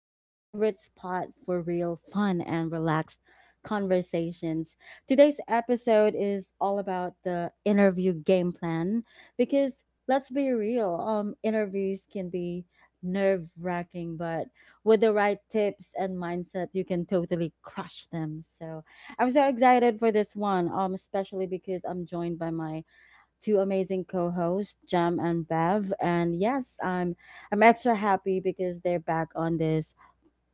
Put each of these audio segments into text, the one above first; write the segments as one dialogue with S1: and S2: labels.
S1: your favorite spot for real fun and relaxed conversations. Today's episode is all about the interview game plan because let's be real, interviews can be nerve-wracking, but with the right tips and mindset, you can totally crush them. So, I'm so excited for this one, especially because I'm joined by my two amazing co-hosts, Jam and Bev. And yes, I'm extra happy because they're back on this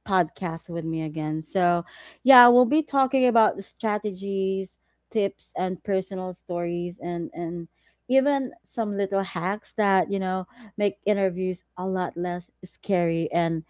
S1: podcast with me again. So yeah, we'll be talking about the strategies, tips, and personal stories and even some little hacks that make interviews a lot less scary and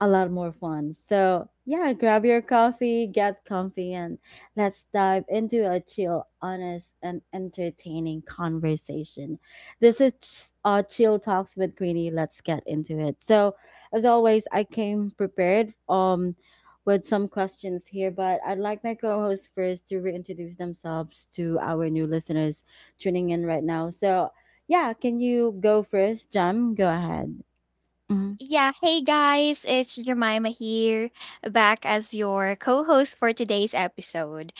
S1: a lot more fun. So, yeah, grab your coffee, get comfy, and let's dive into a chill, honest, and entertaining conversation. This is Chill Talks with Greeny. Let's get into it. So, as always, I came prepared with some questions here, but I'd like my co hosts first to reintroduce themselves to our new listeners tuning in right now. So, yeah, can you go first, Jam? Go ahead. Mm-hmm.
S2: Yeah, hey guys, it's Jemima here, back as your co-host for today's episode.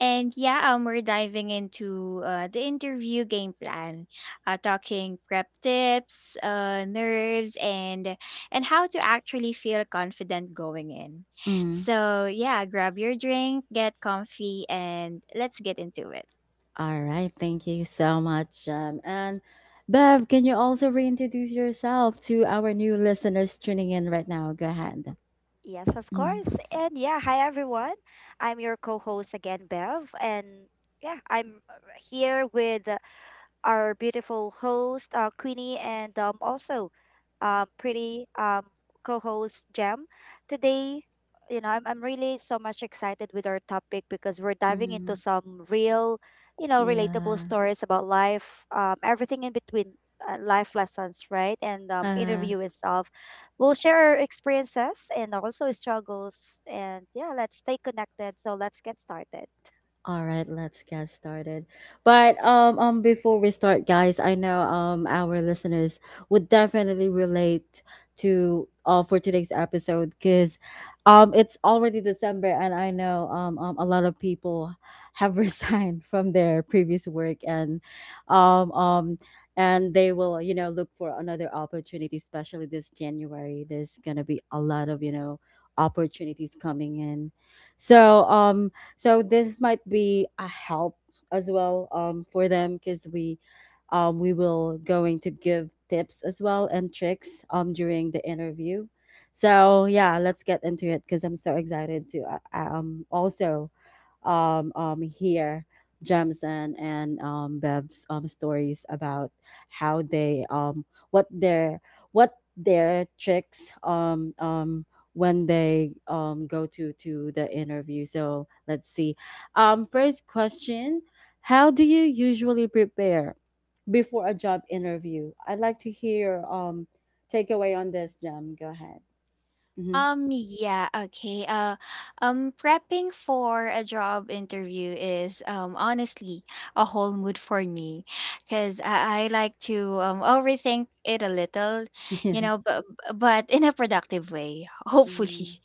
S2: We're diving into the interview game plan, talking prep tips, nerves, and how to actually feel confident going in.
S1: Mm-hmm.
S2: So yeah, grab your drink, get comfy, and let's get into it.
S1: All right, thank you so much, Jem. And Bev, can you also reintroduce yourself to our new listeners tuning in right now? Go ahead.
S3: Yes, of course. And yeah, hi everyone. I'm your co-host again, Bev, and yeah, I'm here with our beautiful host, Queenie, and also pretty co host, Jem. Today, you know, I'm really so much excited with our topic because we're diving
S1: Mm-hmm.
S3: into some real, you know, relatable
S1: Yeah.
S3: stories about life, everything in between. Life lessons, right? And
S1: Uh.
S3: interview itself. We'll share our experiences and also struggles. And yeah, let's stay connected. So let's get started.
S1: All right, let's get started. But before we start, guys, I know our listeners would definitely relate to for today's episode because it's already December and I know a lot of people have resigned from their previous work um um and they will look for another opportunity, especially this January. There's gonna be a lot of opportunities coming in, so so this might be a help as well for them because we will going to give tips as well and tricks during the interview. So yeah, let's get into it because I'm so excited to also hear Gems and Bev's stories about how they what their tricks when they go to the interview. So let's see. First question: How do you usually prepare before a job interview? I'd like to hear takeaway on this, Gem. Go ahead. Hmm.
S2: Um, yeah, okay. Uh, Prepping for a job interview is honestly a whole mood for me, because I like to overthink it a little, you
S1: Yeah.
S2: know, but in a productive way, hopefully.
S1: Mm,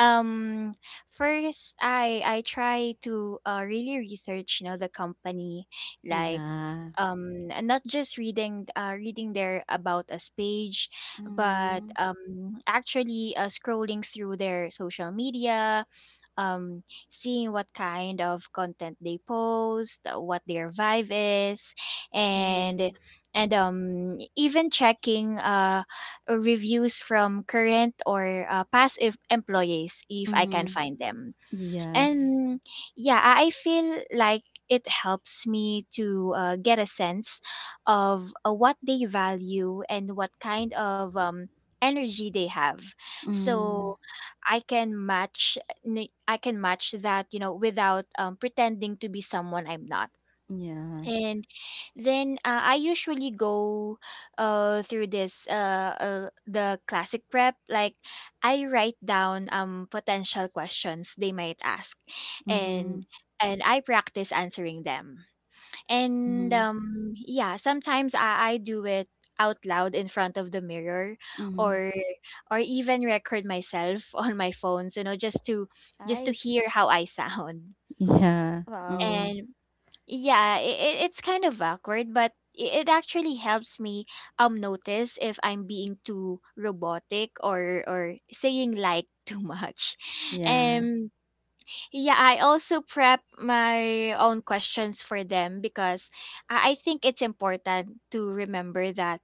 S2: Um, first, I try to really research, you know, the company, like
S1: yeah.
S2: not just reading their about us page but
S1: Mm-hmm.
S2: actually scrolling through their social media, um, seeing what kind of content they post, what their vibe is, and even checking reviews from current or past employees if I can
S1: Mhm.
S2: find them.
S1: Yes.
S2: And yeah, I feel like it helps me to get a sense of what they value and what kind of energy they have.
S1: Mm.
S2: So I can I can match that, you know, without pretending to be someone I'm not,
S1: Yeah.
S2: and then I usually go through this the classic prep. Like I write down potential questions they might ask,
S1: Mhm.
S2: and and I practice answering them. and
S1: Mhm.
S2: um yeah sometimes I do it out loud in front of the mirror,
S1: Mhm.
S2: or or even record myself on my phone, so you know, just to
S3: Nice.
S2: hear how I sound.
S1: Yeah.
S3: Wow.
S1: Mm.
S2: And yeah, it's kind of awkward, but it actually helps me notice if I'm being too robotic, or saying like too much.
S1: Yeah.
S2: Um yeah, I also prep my own questions for them, because I think it's important to remember that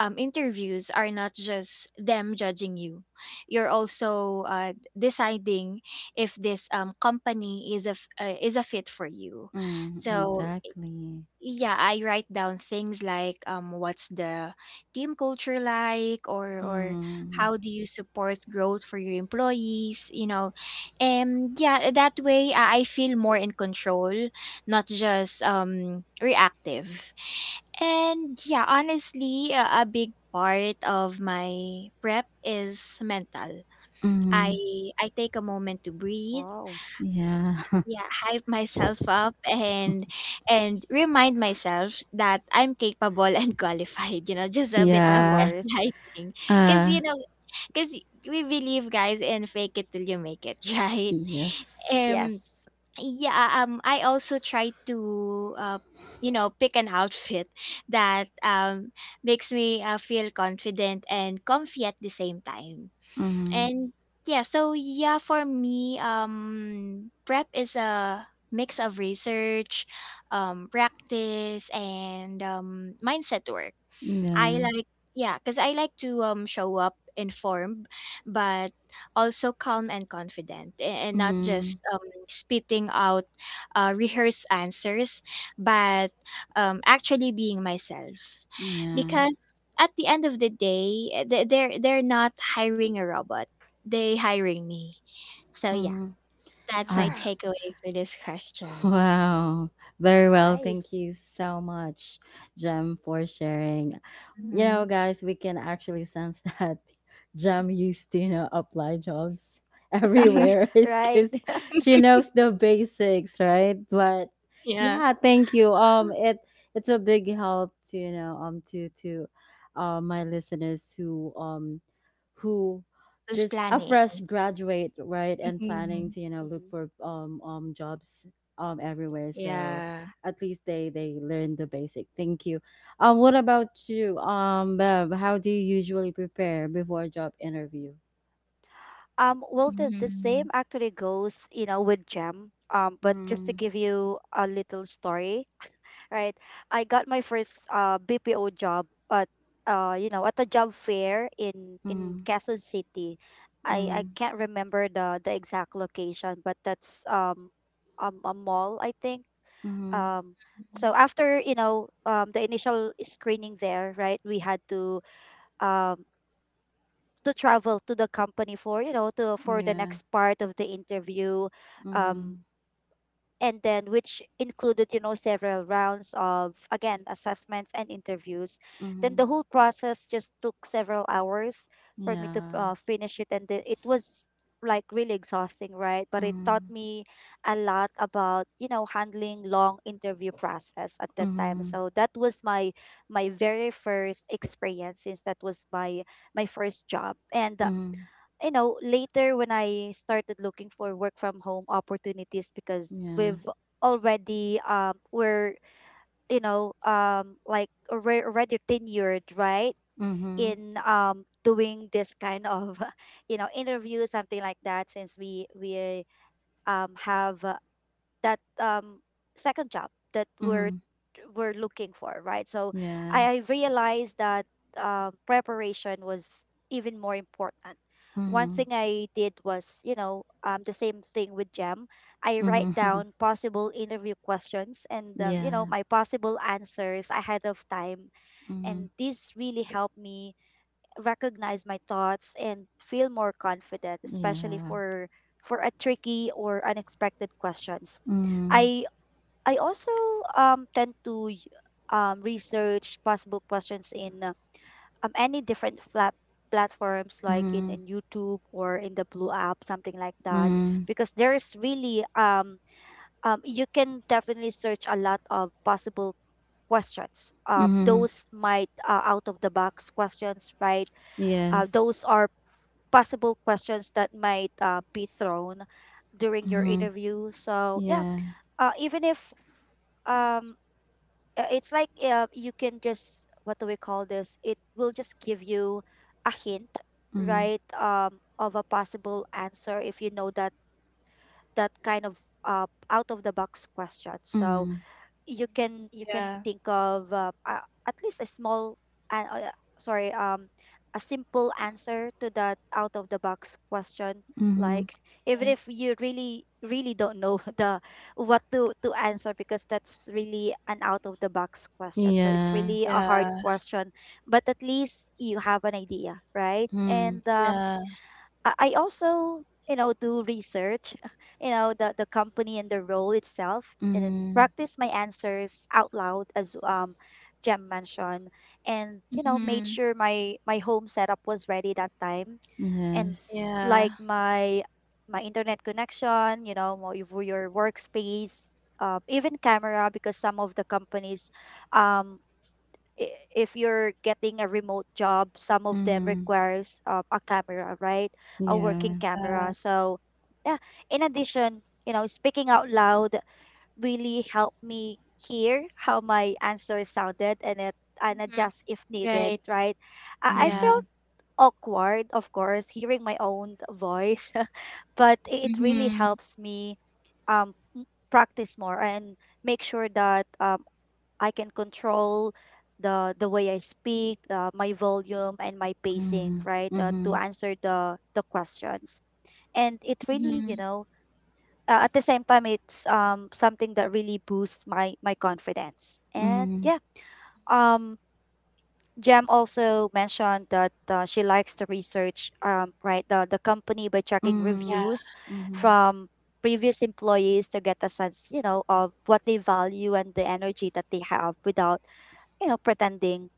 S2: interviews are not just them judging you. You're also deciding if this company is is a fit for you.
S1: Mm.
S2: So
S1: Exactly.
S2: yeah, I write down things like, what's the team culture like, or
S1: Mm.
S2: how do you support growth for your employees, you know? And yeah that way, I feel more in control, not just reactive. And honestly, a big part of my prep is mental. i
S1: Mm.
S2: i take a moment to breathe,
S3: Wow.
S1: Yeah.
S2: yeah, hype myself up, and remind myself that I'm capable and qualified, you know, just a bit
S3: Of
S2: of
S1: Yeah.
S3: course.
S2: gaslighting. because
S1: Uh.
S2: you know because we believe, guys, in fake it till you make it right?
S1: Yes.
S2: um
S3: Yes.
S2: yeah I also try to you know, pick an outfit that makes me feel confident and comfy at the same time.
S1: Mm.
S2: And for me, prep is a mix of research, practice, and mindset work. I
S1: Yeah.
S2: like I like to show up informed, but also calm and confident, and not just
S1: Mm.
S2: spitting out rehearsed answers, but actually being myself,
S1: Yeah.
S2: because at the end of the day, they're not hiring a robot; they hiring me. So yeah,
S1: Mm.
S2: that's
S1: All
S2: my
S1: right.
S3: Yeah.
S2: takeaway for this question.
S1: Wow. Very well. Thank
S3: Nice.
S1: you so much, Jem, for sharing. You know, guys, we can actually sense that Jem used to, you know, apply jobs
S2: Mm-hmm.
S1: everywhere
S3: Right.
S1: because she knows the basics, right? But
S2: Yeah,
S1: yeah, thank you. It's a big help to you know, to my listeners who
S2: was
S1: just a
S2: planning.
S1: fresh graduate, right, and
S2: Hmm.
S1: planning to you know look
S3: hmm
S1: for jobs everywhere. So
S2: Yeah.
S1: at least they learn the basic. Thank you. Um, what about you Bev, how do you usually prepare before a job interview?
S3: Well, the same actually goes, you know, with Gem. But just to
S1: Mm,
S3: give you a little story, right? I got my first BPO job at you know at a job fair in
S1: mm,
S3: Quezon City. I
S1: mm,
S3: can't remember the exact location, but that's a mall I think.
S1: mm,
S3: Um,
S2: Mhm.
S3: so after you know the initial screening there, right? We had um to travel to the company for you know to for the
S1: yeah.
S3: next part of the interview um
S1: Mm,
S3: and then which included you know several rounds of again assessments and interviews then
S1: mm,
S3: the whole process just took several hours for me to
S1: yeah.
S3: finish it and the, it was like really exhausting right but it taught
S1: Mm,
S3: me a lot about you know handling long interview process at that time
S1: mm,
S3: so that was my my very first experience since that was my my first job and
S1: mm,
S3: you know, later when I started looking for work from home opportunities because
S1: yeah.
S3: we've already we're you know like already tenured right
S1: Mm-hmm,
S3: in doing this kind of you know interview something like that since we have that second job that
S1: mm,
S3: we're looking for, right? So
S1: yeah.
S3: I realized that preparation was even more important. One
S1: Mm,
S3: thing I did was, you know, the same thing with Gem. I write
S1: mm,
S3: down possible interview questions and, you know,
S1: yeah.
S3: my possible answers ahead of time.
S1: Mm,
S3: And this really helped me recognize my thoughts and feel more confident, especially
S1: yeah.
S3: for a tricky or unexpected questions.
S1: Mm,
S3: I I also tend to research possible questions in any different flat platforms like
S1: mm,
S3: in YouTube or in the Blue app, something like that.
S1: mm,
S3: Because there is really you can definitely search a lot of possible questions.
S1: mm,
S3: Those might out of the box questions, right?
S1: yes.
S3: Those are possible questions that might be thrown during your interview. So yeah,
S1: Yeah.
S3: even if um, it's like you can just what do we call this? It will just give you a hint,
S1: Mm.
S3: right? Of a possible answer if you know that that kind of out of the box question. So
S1: Mm.
S3: you can
S2: Yeah.
S3: think of at least a small and sorry a simple answer to that out of the box question
S1: Mm-hmm.
S3: like even
S2: Mm.
S3: if you really really don't know the what to answer because that's really an out of the box question so it's
S1: Yeah.
S3: really a hard
S2: Yeah.
S3: question but at least you have an idea right
S1: Mm.
S3: and
S2: Yeah.
S3: I also, you know, do research, you know, the company and the role itself and then
S1: Mm.
S3: practice my answers out loud as Jem mentioned. And, you know, made
S2: Mm-hmm.
S3: sure my my home setup was ready that time. And
S1: Yes.
S2: Yeah.
S3: like my internet connection, you know, your workspace, even camera because some of the companies um if you're getting a remote job, some of them
S1: Mm.
S3: requires a camera, right? A working
S1: Yeah.
S2: Uh,
S3: camera. So yeah, in addition, you know, speaking out loud really helped me hear how my answer sounded and it and
S2: mm-hmm,
S3: adjust if needed,
S2: right.
S3: right? I
S2: Yeah.
S1: Mm.
S3: felt awkward, of course, hearing my own voice, but it really
S2: Mm-hmm.
S3: helps me um m- practice more and make sure that I can control the way I speak, my volume and my
S1: Mm-hmm.
S3: pacing, right? To answer the questions. And it really, you
S2: Mm-hmm.
S3: know, at the same time it's something that really boosts my my confidence. And
S1: Mm-hmm.
S3: yeah, um Jem also mentioned that she likes to research right the company by checking
S2: Yeah.
S1: Mm. Mm.
S3: reviews
S1: Mm-hmm.
S3: from previous employees to get a sense, you know, of what they value and the energy that they have without, you know, pretending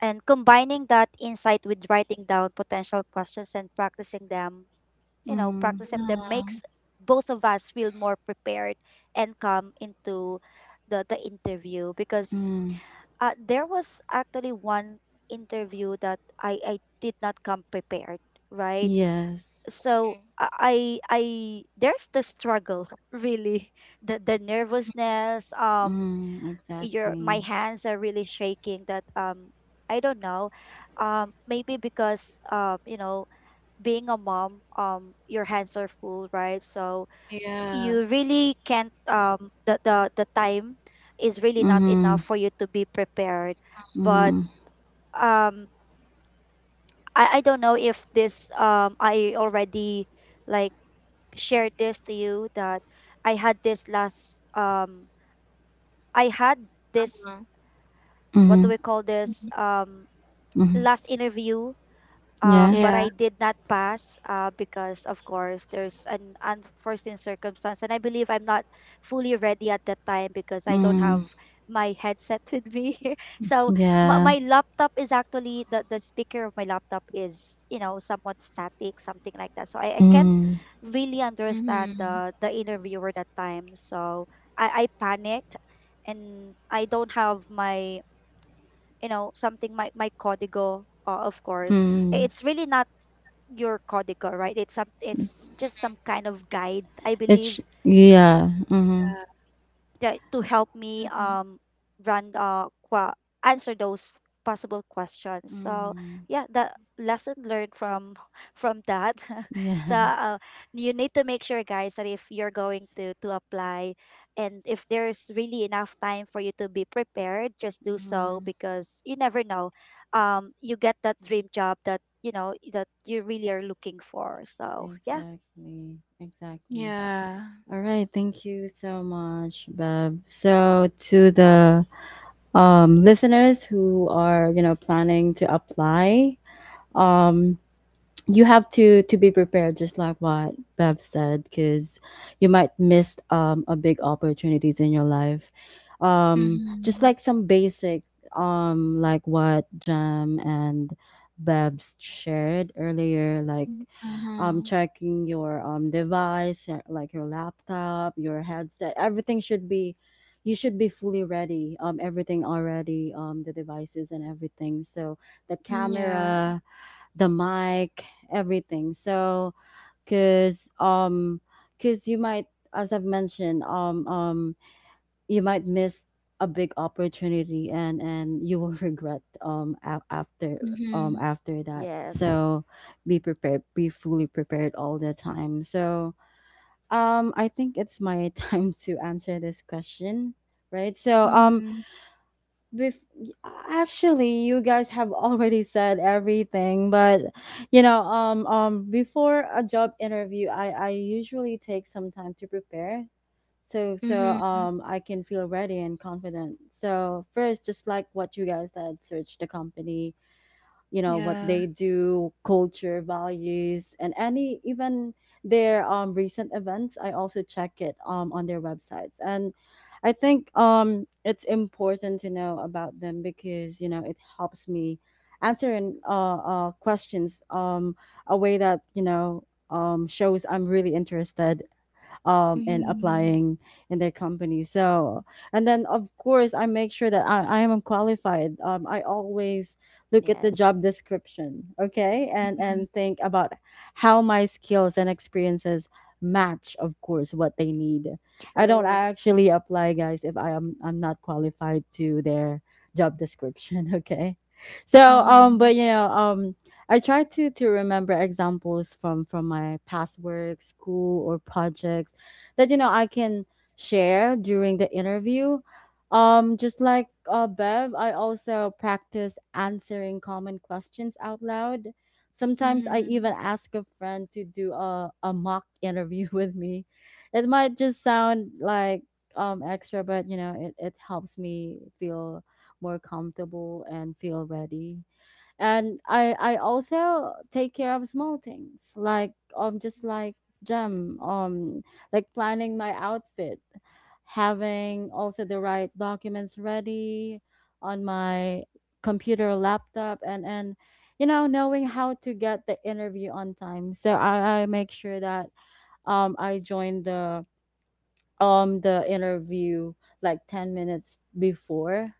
S3: and combining that insight with writing down potential questions and practicing them you know
S1: Mm.
S3: practicing them
S2: Mm.
S3: makes both of us feel more prepared and come into the interview because
S1: Mm.
S3: there was actually one interview that I did not come prepared right
S1: Yes.
S2: Mm.
S3: so there's the struggle really the nervousness
S1: Mm.
S3: your my
S1: Exactly.
S3: hands are really shaking that I don't know. Maybe because you know being a mom your hands are full, right? So
S2: Yeah.
S3: you really can't the the time is really not
S1: Mm-hmm.
S3: enough for you to be prepared. But
S1: Mm-hmm.
S3: um I don't know if this I already like shared this to you that I had this last I had this
S2: Mm.
S3: what do
S1: Mm-hmm.
S3: we call
S2: Mhm.
S3: this
S1: Mm-hmm.
S3: last interview
S1: Yeah.
S3: but
S2: Yeah.
S3: I did not pass because of course there's an unforeseen circumstance and I believe I'm not fully ready at that time because I don't
S1: Mm.
S3: have my headset with me so my,
S1: Yeah.
S3: my laptop is actually the speaker of my laptop is you know somewhat static something like that so I can't
S1: Mm.
S3: really understand
S2: Mm-hmm.
S3: the interviewer that time so I panicked and I don't have my you know something my my código of course
S1: Mm.
S3: it's really not your código right it's some
S1: It's,
S3: it's just some kind of guide I
S1: it's
S3: believe
S1: yeah. Mm-hmm.
S2: Yeah.
S3: that to help me
S2: Mm-hmm.
S3: run answer those possible questions so
S1: Mm-hmm.
S3: yeah the lesson learned from from that so
S1: Yeah.
S3: you need to make sure guys that if you're going to apply and if there's really enough time for you to be prepared just do so
S1: Mm-hmm.
S3: because you never know you get that dream job that you know that you really are looking for so yeah.
S1: Exactly, exactly.
S2: Yeah.
S1: All right, thank you so much, Bev. So to the listeners who are, you know, planning to apply, um you have to be prepared just like what bev said, because you might miss a big opportunities in your life, just
S2: Mm-hmm.
S1: like some basic like what jam and Bev's shared earlier, like
S2: Uh-huh.
S1: checking your device, like your laptop, your headset, everything should be, you should be fully ready, everything already, the devices and everything, so the
S2: Mm, yeah.
S1: camera, the mic, everything. So, cause um, cause you might, as I've mentioned, you might miss a big opportunity, and you will regret after
S2: Mm-hmm.
S1: after that.
S3: Yes.
S1: So, be prepared, be fully prepared all the time. So, I think it's my time to answer this question, right? So,
S2: Mm-hmm.
S1: Bef- actually you guys have already said everything, but you know before a job interview I usually take some time to prepare, so so
S2: Mm-hmm.
S1: um I can feel ready and confident. So first, just like what you guys said, search the company, you know what
S2: Yeah.
S1: they do, culture, values, and any even their recent events. I also check it on their websites. And I think it's important to know about them because you know it helps me answer questions a way that you know shows I'm really interested in
S2: Mm-hmm.
S1: applying in their company. So, and then of course, I make sure that I am qualified. I always look at the
S3: Yes.
S1: job description, okay,
S2: Mm-hmm.
S1: and think about how my skills and experiences match, of course, what they need. I don't
S3: True.
S1: actually apply, guys, if I'm not qualified to their job description, okay. So,
S2: Mm-hmm.
S1: but you know, I try to remember examples from my past work, school, or projects that you know I can share during the interview. Just like Bev, I also practice answering common questions out loud. Sometimes I even
S2: Mm-hmm.
S1: ask a friend to do a mock interview with me. It might just sound like extra, but you know, it helps me feel more comfortable and feel ready. And I also take care of small things like just like gem like planning my outfit, having also the right documents ready on my computer laptop and you know knowing how to get the interview on time. So I make sure that I join the interview like 10 minutes before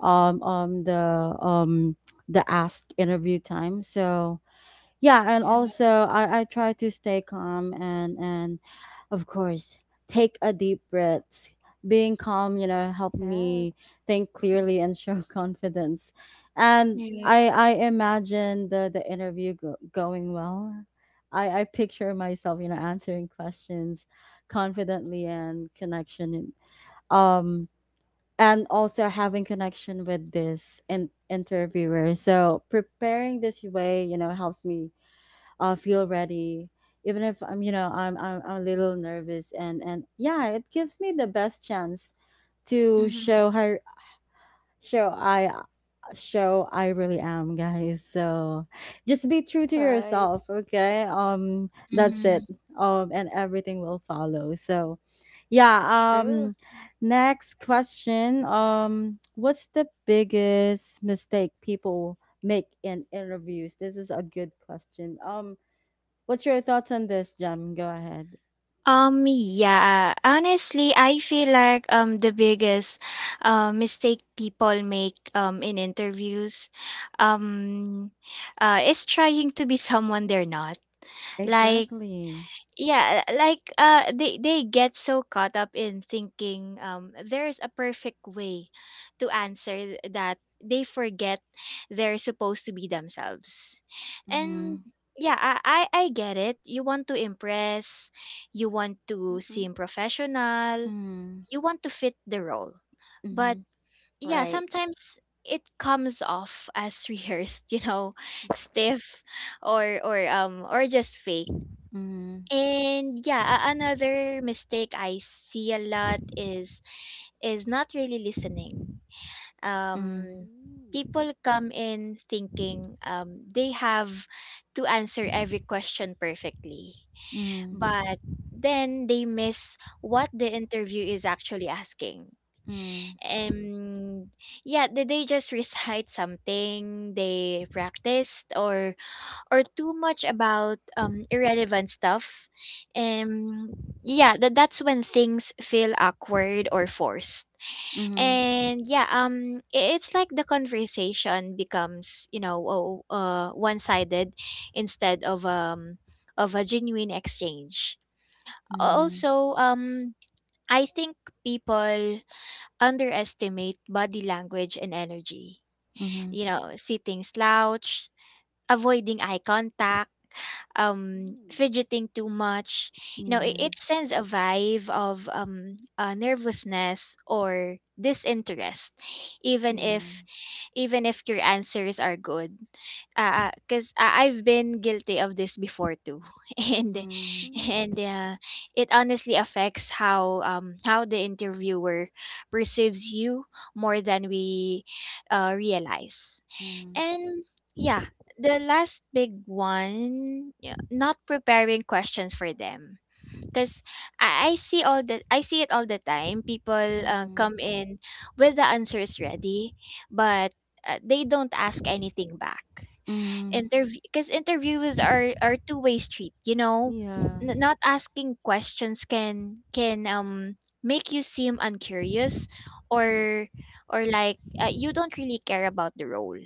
S1: um um the um the ask interview time. So yeah, and
S2: Yeah.
S1: also I try to stay calm and of course take a deep breath. Being calm you know help
S3: Yeah,
S1: me think clearly and show confidence. And
S2: Yeah.
S1: I imagine the the interview going well. I picture myself you know answering questions confidently and connection um and also having connection with this interviewer. So preparing this way, you know, helps me feel ready, even if I'm, you know, I'm a little nervous, and yeah, it gives me the best chance to
S2: Mm-hmm.
S1: show her Sure, I sure I really am, guys. So just be true to
S3: right.
S1: yourself, okay? Um, that's it.
S2: Mhm.
S1: Um, and everything will follow. So yeah,
S3: True.
S1: um, next question. Um, what's the biggest mistake people make in interviews? This is a good question. Um, what's your thoughts on this, Jam? Go ahead.
S2: I feel like the biggest mistake people make in interviews um is trying to be someone they're not. Like
S1: Exactly.
S2: they get so caught up in thinking there is a perfect way to answer that they forget they're supposed to be themselves. And
S1: Mhm.
S2: yeah I get it, you want to impress, you want to
S3: Hmm.
S2: seem professional,
S1: Mhm.
S2: you want to fit the role, but
S1: Mhm.
S2: yeah,
S3: Right.
S2: sometimes it comes off as rehearsed, you know, stiff, or just fake.
S1: Mhm.
S2: Another mistake I see a lot is not really listening.
S1: Mhm.
S2: Um,
S3: Mm, mm,
S2: People come in thinking they have to answer every question perfectly,
S1: Mhm.
S2: but then they miss what the interview is actually asking.
S1: Mhm.
S2: And they just recite something they practiced, or too much about irrelevant stuff. And yeah, that's when things feel awkward or forced.
S1: Mhm.
S2: It's like the conversation becomes, you know, one-sided instead of a genuine exchange.
S1: Mhm.
S2: Also, I think people underestimate body language and energy.
S1: Mhm.
S2: You know, sitting slouched, avoiding eye contact,
S3: mm.
S2: fidgeting too much. You know, it,
S1: Yeah.
S2: it sends a vibe of nervousness or disinterest, even if
S1: Yeah.
S2: even if your answers are good. Because I've been guilty of this before too, and
S1: Mhm.
S3: Mm.
S2: and it honestly affects how the interviewer perceives you more than we realize.
S1: Mhm.
S2: And yeah, the last big one, yeah, not preparing questions for them. Because I see it all the time. People come
S1: Mhm.
S2: in with the answers ready, but they don't ask anything back.
S1: Mhm.
S2: Interviews are two-way street. You know,
S1: Yeah.
S2: Not asking questions can make you seem uncurious, or or like you don't really care about the role.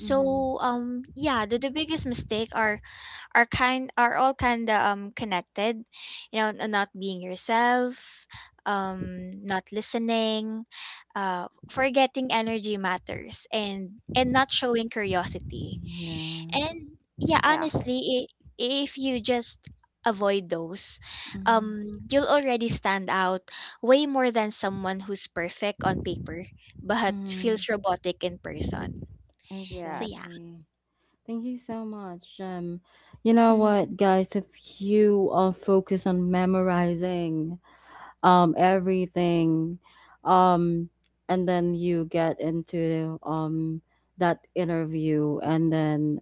S1: Mhm.
S2: um yeah the biggest mistake are kind are all kind of connected, you know: not being yourself, not listening, forgetting energy matters, and not showing curiosity.
S1: Yeah.
S2: And yeah,
S3: Yes.
S2: honestly, if you just avoid those,
S1: Mhm.
S2: you'll already stand out way more than someone who's perfect on paper but
S1: Mhm.
S2: feels robotic in person. So
S3: Yeah.
S2: yeah.
S1: Exactly. Thank you so much. You know
S2: Mm-hmm.
S1: what, guys? If you are focused on memorizing everything, um, and then you get into that interview, and then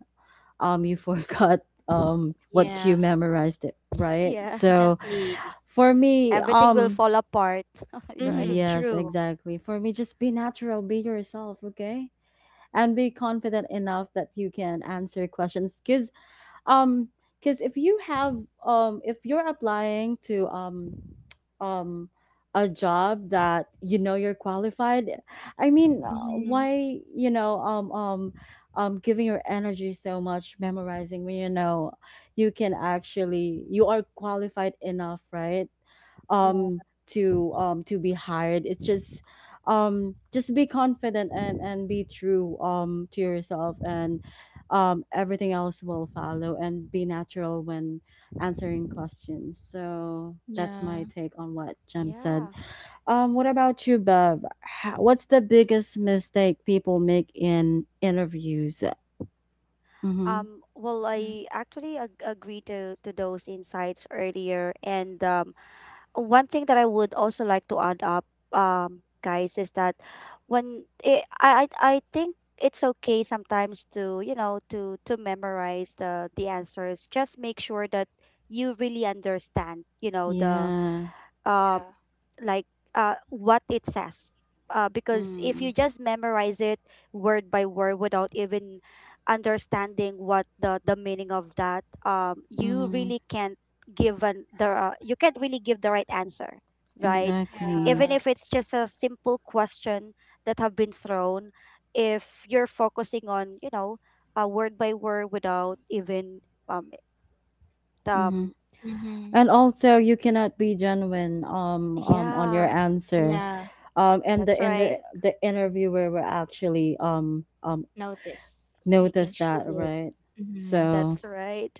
S1: you forgot what you
S2: Yeah,
S1: memorized it, right?
S3: Yeah.
S1: So
S2: exactly.
S1: for me
S3: Everything will
S1: um,
S3: fall apart, right?
S2: Mhm,
S1: yes,
S2: true.
S1: exactly, for me just be natural, be yourself, okay? And be confident enough that you can answer questions, um because if you have if you're applying to um a job that you know you're qualified, I mean
S2: Mhm.
S1: why you know giving your energy so much memorizing when you know you can actually you are qualified enough, right?
S2: Yeah.
S1: Um, to be hired, it's just be confident and be true to yourself, and everything else will follow and be natural when answering questions. So that's
S2: Yeah.
S1: my take on what jem said.
S3: Yeah.
S1: Um, what about you bev? How, what's the biggest mistake people make in interviews? Mm-hmm.
S3: Well,
S2: Mhm.
S3: I actually agree to those insights earlier, and one thing that I would also like to add up, guys, is that when it, I think it's okay sometimes to you know to memorize the answers. Just make sure that you really understand, you know, the
S1: Yeah.
S2: Yeah.
S3: um like what it says because if
S1: Mm-hmm.
S3: you just memorize it word by word without even understanding what the meaning of that you
S1: Mm-hmm.
S3: really can't give an the you can't really give the right answer right
S1: Exactly.
S3: even
S2: Yeah.
S3: if it's just a simple question that have been thrown if you're focusing on you know word by word without even um
S1: Mm-hmm.
S3: um
S2: Mhm.
S1: And also, you cannot be genuine on your
S3: yeah
S1: answer.
S2: Yeah.
S1: And the
S3: that's right
S1: the interviewer will actually
S2: Notice. They can
S1: notice that,
S2: feel it.
S1: right?
S2: Mhm.
S1: So,
S3: that's right.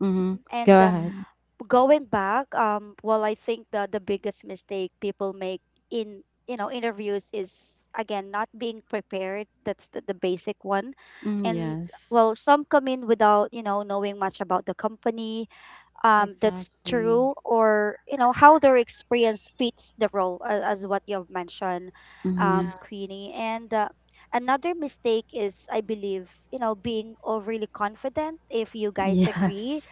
S1: mm-hmm. Go
S3: And
S1: ahead.
S2: Mhm.
S3: going back, well, I think the biggest mistake people make in you know interviews is again not being prepared. That's the basic one,
S1: Mm,
S3: and
S1: yes,
S3: well, some come in without you know knowing much about the company. That's
S1: exactly.
S3: true, or you know how their experience fits the role, as what you've mentioned,
S1: Mm-hmm.
S2: Yeah.
S3: Queenie, and. Another mistake is, I believe, you know, being overly confident, if you guys agree
S1: Yes,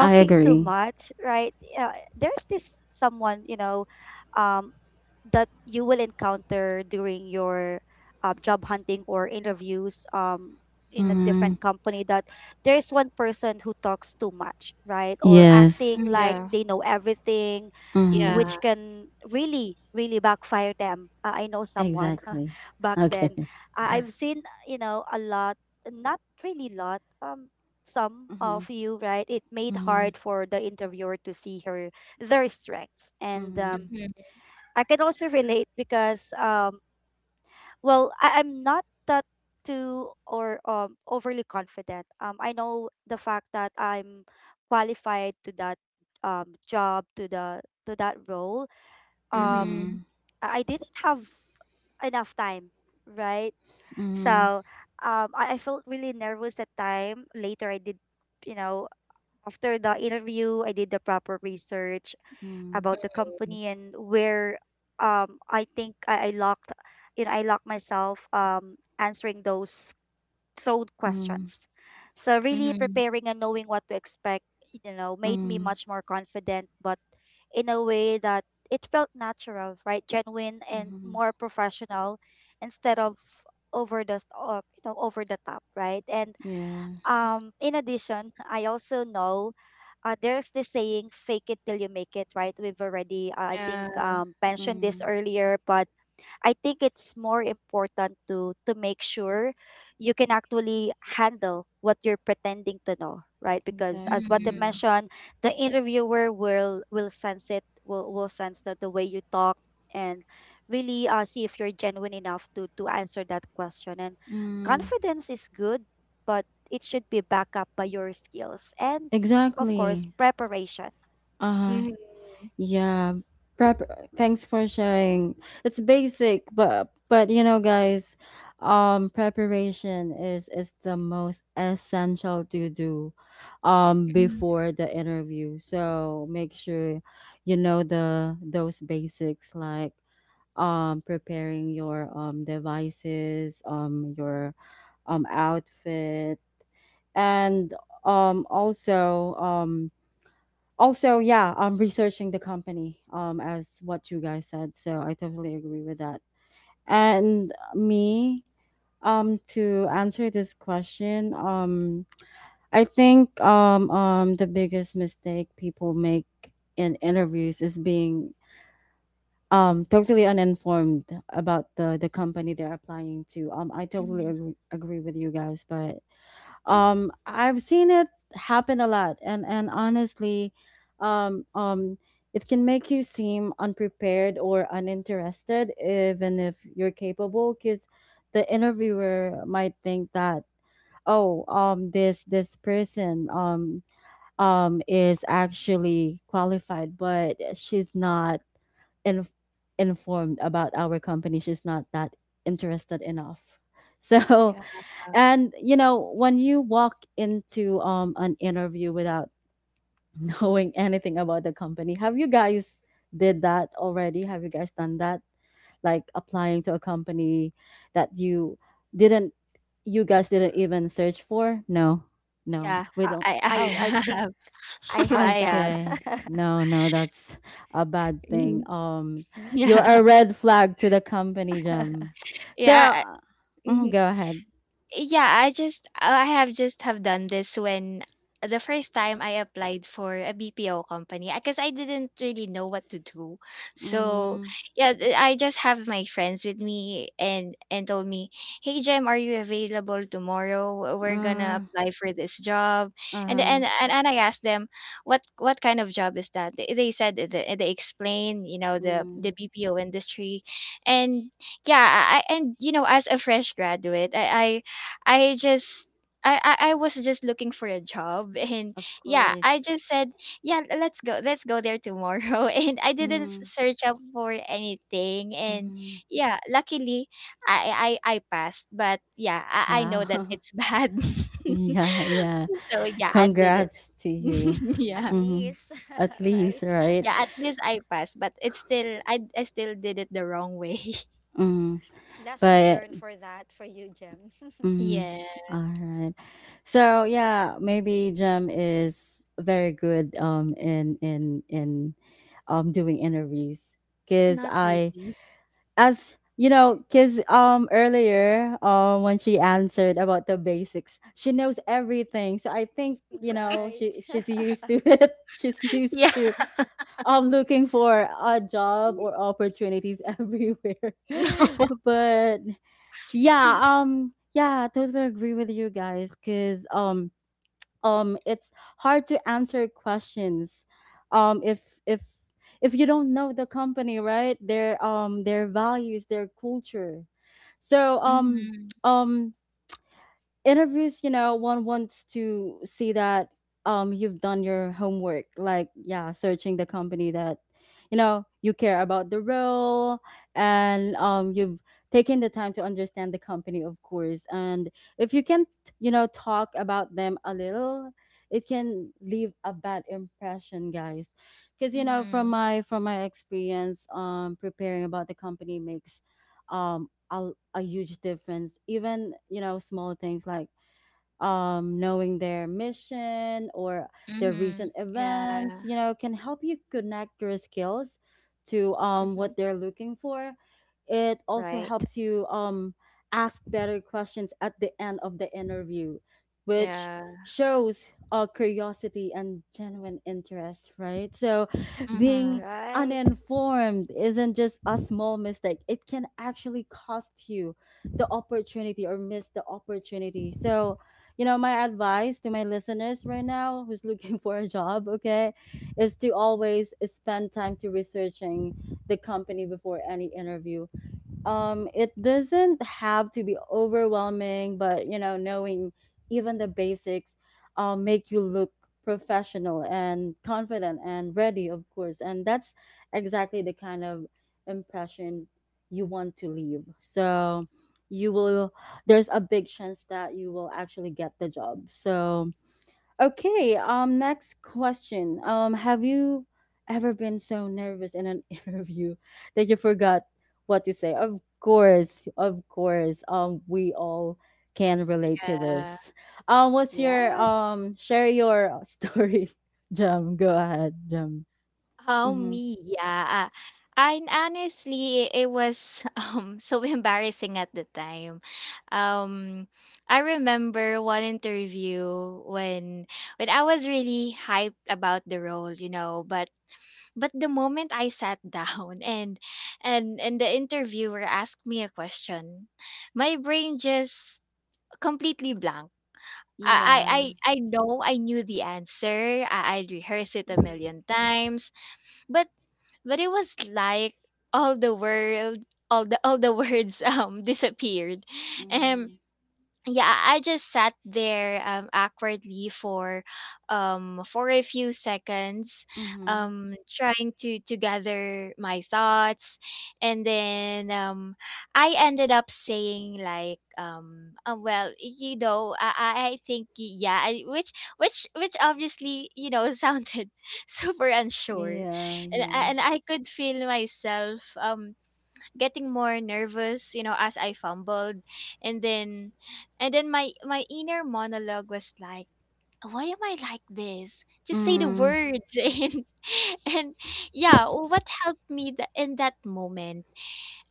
S1: I
S2: Mm-hmm.
S3: too
S1: agree.
S3: much, right? There's this someone, you know, um, that you will encounter during your job hunting or interviews in a
S2: Mhm.
S1: Mm-hmm.
S3: different company that there's one person who talks too much, right? Or
S1: Yes.
S3: acting
S2: Mm,
S3: like
S2: yeah.
S3: they know everything,
S2: Yeah.
S1: Mm-hmm.
S3: which can really, really backfire them. I know someone
S1: Exactly.
S3: back then.
S1: Okay.
S3: I've seen, you know, a lot, not really lot. Some
S1: Mm-hmm.
S3: of you, right, it made
S1: Mm-hmm.
S3: hard for the interviewer to see her their strengths. And
S2: Mhm.
S3: I can also relate because, well, I, I'm not that too or overly confident. I know the fact that I'm qualified to that job to the to that role. Um,
S2: Mhm.
S1: Mm-hmm.
S3: I didn't have enough time, right?
S1: Mm-hmm.
S3: So I felt really nervous that time. Later, I did, you know, after the interview, I did the proper research
S1: Mm-hmm.
S3: about the company and where I think I locked you know, I locked myself answering those thrown
S1: Mm-hmm.
S3: questions. So really
S2: Mhm.
S3: preparing and knowing what to expect, you know, made me
S1: Mm-hmm.
S3: much more confident, but in a way that it felt natural, right? Genuine and
S1: Mm-hmm.
S3: more professional instead of you know over the top, right? And
S1: Yeah.
S3: in addition, I also know there's this saying, fake it till you make it, right? We've already, uh, I think,
S2: Yeah.
S3: um, mentioned this
S1: Mm,
S3: earlier, but I think it's more important to make sure you can actually handle what you're pretending to know, right? Because as what I
S1: exactly.
S2: Mhm.
S3: mentioned, the interviewer will sense it, will sense that the way you talk and really see if you're genuine enough to answer that question. And
S1: Mm,
S3: confidence is good, but it should be backed up by your skills and of course
S1: exactly.
S3: preparation.
S1: Uh-huh.
S2: Mm-hmm.
S1: Yeah. Prep, thanks for sharing. It's basic, but you know guys, preparation is the most essential to do
S2: Mhm.
S1: before the interview. So make sure you know the those basics like preparing your devices, your outfit and um also um also yeah, I'm researching the company as what you guys said, so I totally agree with that. And me, to answer this question, I think, the biggest mistake people make in interviews is being totally uninformed about the company they're applying to. I totally
S2: Mhm.
S1: agree with you guys, but I've seen it happen a lot, and honestly, um um it can make you seem unprepared or uninterested even if you're capable, because the interviewer might think that, oh, this person, is actually qualified, but she's not in, informed about our company, she's not that interested enough so,
S2: Yeah.
S1: and you know, when you walk into an interview without knowing anything about the company, have you guys did that already? Have you guys done that? Like, applying to a company that didn't you guys didn't
S3: R-
S1: even search for? No. No.
S2: Yeah.
S1: We
S3: Uh,
S1: don't.
S2: I
S3: I
S1: Oh,
S3: I think
S2: have.
S3: I
S2: I
S3: had that.
S2: have.
S1: okay. No, no, that's a bad thing.
S2: Mhm.
S1: You're
S2: Yeah.
S1: a red flag to the company, Jim. So,
S2: Yeah. Mm-hmm,
S1: go ahead.
S2: Yeah, I just I have just have done this when the first time I applied for a BPO company, because I didn't really know what to do. So
S1: Mm,
S2: yeah, I just have my friends with me and told me, "Hey Jem, are you available tomorrow? We're
S1: uh,
S2: gonna apply for this job." And
S1: uh
S2: and and, and I asked them, What kind of job is that?" They explained, you know, the
S1: mm,
S2: BPO industry, and yeah, and you know, as a fresh graduate, I just I I was just looking for a job, and
S1: of
S2: yeah, I just
S1: course.
S2: said, yeah, let's go. Let's go there tomorrow. And I didn't
S1: Mm,
S2: search up for anything, and
S1: mm,
S2: yeah, luckily I I passed, but yeah, I know that
S1: wow.
S2: it's bad.
S1: Yeah, yeah.
S2: So yeah, I didn't.
S1: Congrats to you.
S2: Yeah.
S3: At
S1: Mm,
S3: least,
S1: at least,
S3: right?
S1: right?
S2: Yeah, at least I passed, but it's still I still did it the wrong way.
S1: Mm,
S3: Lesson
S1: but,
S3: learned for that for you, Jem.
S1: mm,
S2: Yeah,
S1: all right. So, yeah, maybe Jem is very good in doing interviews, because
S2: not really.
S1: I, as you know, because earlier, when she answered about the basics, she knows everything. So I think, she
S3: Right.
S1: she's used to it, she's used
S2: Yeah.
S1: to looking for a job or opportunities everywhere.
S2: No.
S1: But yeah, yeah, totally agree with you guys, because it's hard to answer questions, if if you don't know the company, right, their values, their culture. So,
S2: Mm-hmm.
S1: um interviews, you know, one wants to see that you've done your homework, like, yeah, searching the company, that you know you care about the role, and you've taken the time to understand the company, of course. And if you can, not, talk about them a little, it can leave a bad impression, guys. Cause, from my experience, preparing about the company makes a huge difference, even, you know, small things like, knowing their mission or their
S2: Mhm.
S1: recent
S2: Yeah.
S1: events, you know, can help you connect your skills to, what
S3: Mm-hmm.
S1: they're looking for. It also
S3: Right.
S1: helps you, ask better questions at the end of the interview, which
S2: Yeah.
S1: shows, curiosity and genuine interest, right? So being
S2: Mhm.
S3: Right.
S1: uninformed isn't just a small mistake, it can actually cost you the opportunity or miss the opportunity. So, my advice to my listeners right now, who's looking for a job, okay, is to always spend time to researching the company before any interview. It doesn't have to be overwhelming, but, knowing even the basics, make you look professional and confident and ready, of course. And that's exactly the kind of impression you want to leave. So, you will there's a big chance that you will actually get the job. So, okay, next question. Have you ever been so nervous in an interview that you forgot what to say? Of course, of course. We all can relate to
S2: Yeah.
S1: this. What's your
S3: Yes.
S1: Share your story, Jam. Go ahead, Jam.
S2: Oh,
S1: Mhm.
S2: me, yeah. And honestly, it was so embarrassing at the time. Um, I remember one interview when I was really hyped about the role, you know, but the moment I sat down and the interviewer asked me a question, my brain just completely blank. I I
S1: Yeah.
S2: I know I knew the answer. I rehearsed it a
S3: Mhm.
S2: million times, but it was like all the world, all the words disappeared. um
S1: Mm.
S2: yeah, I I just sat there awkwardly for a few seconds,
S1: Mhm.
S2: trying to gather my thoughts, and then I ended up saying like, "Well you know I think y- yeah I, which obviously, you know, sounded super unsure,
S1: Yeah,
S2: and
S1: yeah.
S2: and I could feel myself getting more nervous, you know, as I fumbled. And then and then my inner monologue was like, why am I like this? Just say the
S1: Mm.
S2: words. And yeah, what helped me in that moment,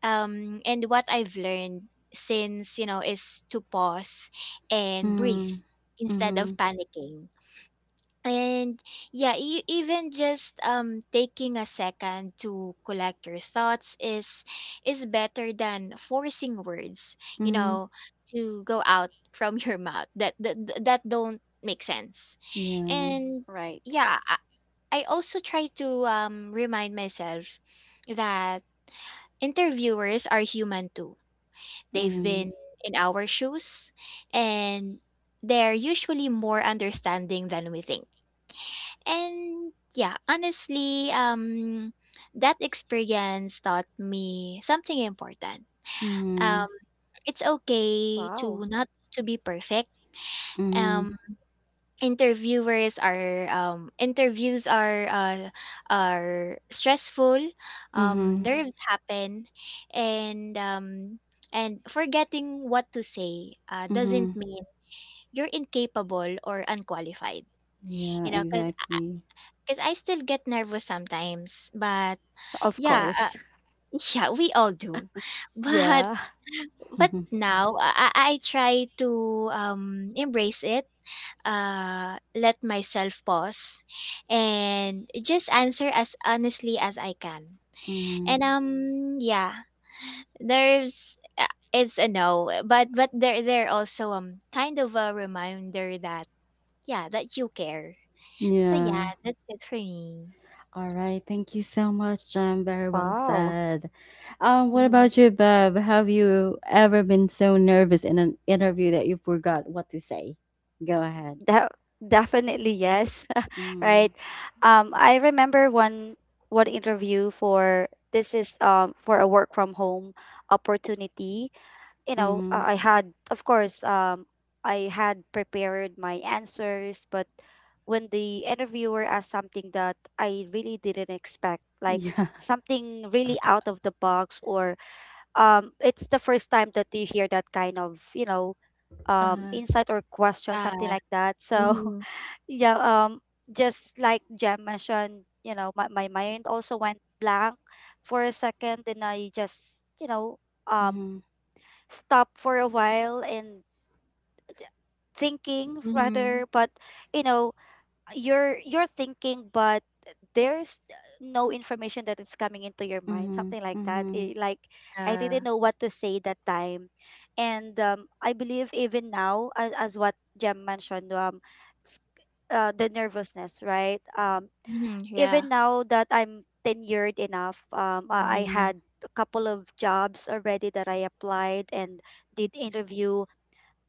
S2: and what I've learned since, you know, is to pause and breathe
S1: Mm.
S2: instead of
S1: Mhm.
S2: panicking. And yeah, even just taking a second to collect your thoughts is better than forcing words, you
S1: Mhm.
S2: know, to go out from your mouth that that don't make sense.
S1: Yeah.
S2: And
S3: Right.
S2: yeah, I also try to remind myself that interviewers are human too. They've
S1: Mm.
S2: been in our shoes, and they're usually more understanding than we think. And yeah, honestly, that experience taught me something important.
S1: Mm.
S2: Um, it's okay to
S3: Wow.
S2: not to be perfect.
S1: Mm.
S2: Um, interviewers are Interviews are stressful.
S1: Mm-hmm.
S2: Nerves happen, and um, and forgetting what to say doesn't
S1: Mm-hmm.
S2: mean you're incapable or unqualified.
S1: Yeah,
S2: You know, because
S1: exactly.
S2: because I still get nervous sometimes, but
S3: Of
S2: yeah,
S3: course.
S2: yeah, we all do. But
S3: Yeah.
S2: but now I try to embrace it. Let myself pause, and just answer as honestly as I can.
S1: Mm,
S2: And yeah, there's it's a no, but there also kind of a reminder that yeah, that you care. So yeah,
S1: yeah.
S2: that's it for me.
S1: All right. Thank you so much, John. Very well
S3: Wow.
S1: said. What
S2: Mhm.
S1: about you, Bob? Have you ever been so nervous in an interview that you forgot what to say? Go ahead.
S3: That, definitely yes.
S1: Mm,
S3: Right. I remember one interview for this is for a work from home opportunity. You know,
S1: mm-hmm.
S3: I had, of course, I had prepared my answers, but when the interviewer asked something that I really didn't expect, like
S1: Yeah.
S3: something really out of the box, or it's the first time that you hear that kind of, you know,
S1: Uh,
S3: insight or question, something
S2: Yeah.
S3: like that. So,
S2: Mm-hmm.
S3: yeah, um, just like Jem mentioned, you know, my mind also went blank for a second, and I just, you know, um,
S1: mm-hmm.
S3: stop for a while and thinking
S2: Mm-hmm.
S3: rather. But you know, you're thinking, but there's no information that is coming into your mind,
S1: Mm-hmm.
S3: something like that
S1: Mm-hmm.
S3: it, like I didn't
S2: Yeah.
S3: know what to say that time. And I believe even now, as what Jem mentioned, s- the nervousness, right?
S2: Mhm, yeah.
S3: Even now that I'm tenured enough, I
S1: Mm-hmm.
S3: had a couple of jobs already that I applied and did interview.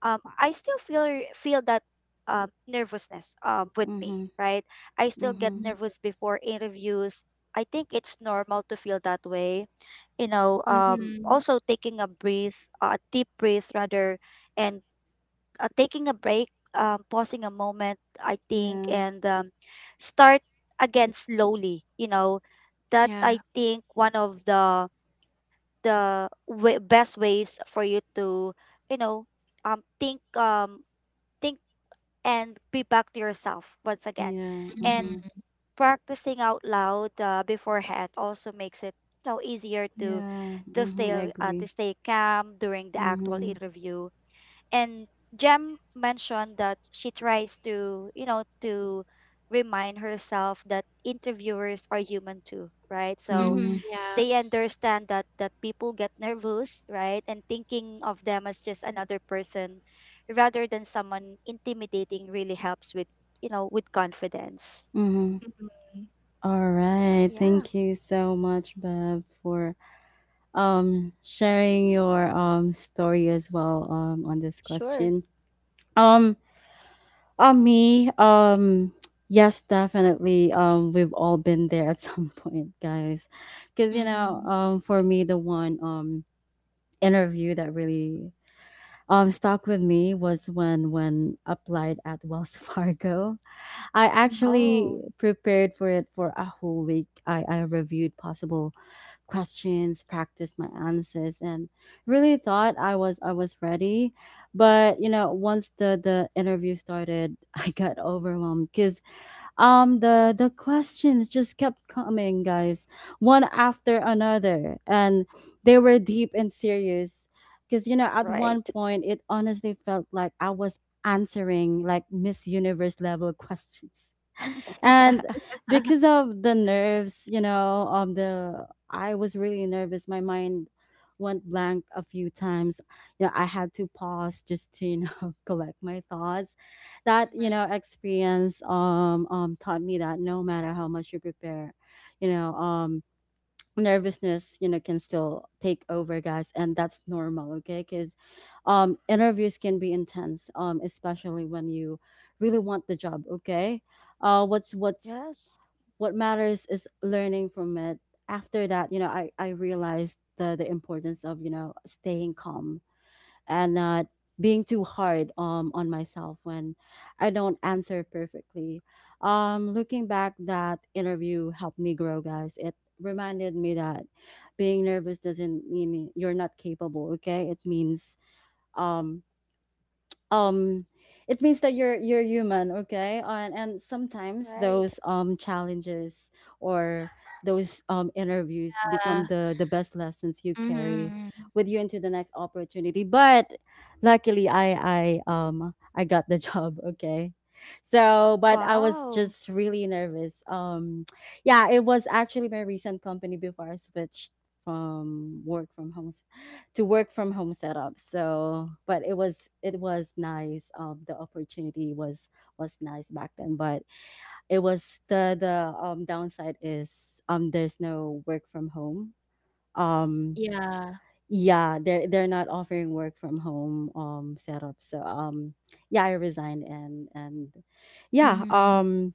S3: I still feel that nervousness with me,
S1: Mm-hmm.
S3: right? I still get
S1: Mm-hmm.
S2: Mhm.
S3: nervous before interviews. I think it's normal to feel that way, you know.
S2: Mhm.
S3: Also taking a breath, a deep breath rather, and taking a break, pausing a moment, I think,
S1: Yeah.
S3: and start again slowly. You know, that
S2: Yeah.
S3: I think one of the best ways for you to, you know, um think um think and be back to yourself once again.
S1: Yeah.
S3: And
S1: Mm-hmm.
S2: Mhm.
S3: practicing out loud beforehand also makes it, you know, easier
S1: Yeah.
S3: to stay
S1: Mm-hmm. I agree.
S3: to stay calm during the actual
S1: Mm-hmm.
S3: interview. And Jem mentioned that she tries to, you know, to remind herself that interviewers are human too, right? So
S1: Mm-hmm.
S2: Mhm, yeah.
S3: they understand that people get nervous, right? And thinking of them as just another person rather than someone intimidating really helps with, you know, with confidence.
S1: Mm-hmm.
S2: Mhm.
S1: All right.
S3: Yeah,
S1: Thank you so much, Bev, for sharing your story as well, on this
S3: sure.
S1: question. Um on me, yes, definitely. We've all been there at some point, guys. Cause,
S2: Mhm.
S1: for me, the one interview that really stuck with me was when applied at Wells Fargo. I
S2: Mhm. Mhm.
S1: actually
S3: Oh,
S1: prepared for it for a whole week. I reviewed possible questions, practice my answers, and really thought I was ready. But, you know, once the interview started, I got overwhelmed, because the questions just kept coming, guys, one after another, and they were deep and serious. Because, you know, at
S3: right.
S1: one point, it honestly felt like I was answering like Miss Universe level questions, and because of the nerves, you know the I was really nervous, my mind went blank a few times. I had to pause, just to, collect my thoughts. That, experience, taught me that no matter how much you prepare, you know um nervousness, you know, can still take over, guys, and that's normal, okay? Because interviews can be intense, especially when you really want the job, okay. uh what's what's
S3: Yes.
S1: what matters is learning from it. After that, you know, I realized the importance of, staying calm and not being too hard on myself when I don't answer perfectly. Looking back, that interview helped me grow, guys. It reminded me that being nervous doesn't mean you're not capable, okay. It means, um um it means that you're human, okay. And sometimes
S3: Right.
S1: those challenges, or those interviews,
S2: Yeah.
S1: become the best lessons you carry
S2: Mhm.
S1: with you into the next opportunity. But luckily, I got the job, okay. So, but I was
S3: Wow.
S1: just really nervous. Yeah, it was actually my recent company before I switched from work from home to work from home setup. So, but it was nice. The opportunity was nice back then, but it was, the downside is, there's no work from home. Um,
S2: Yeah.
S1: yeah, they're not offering work from home setup. So, yeah, I resigned, and yeah,
S2: Mhm.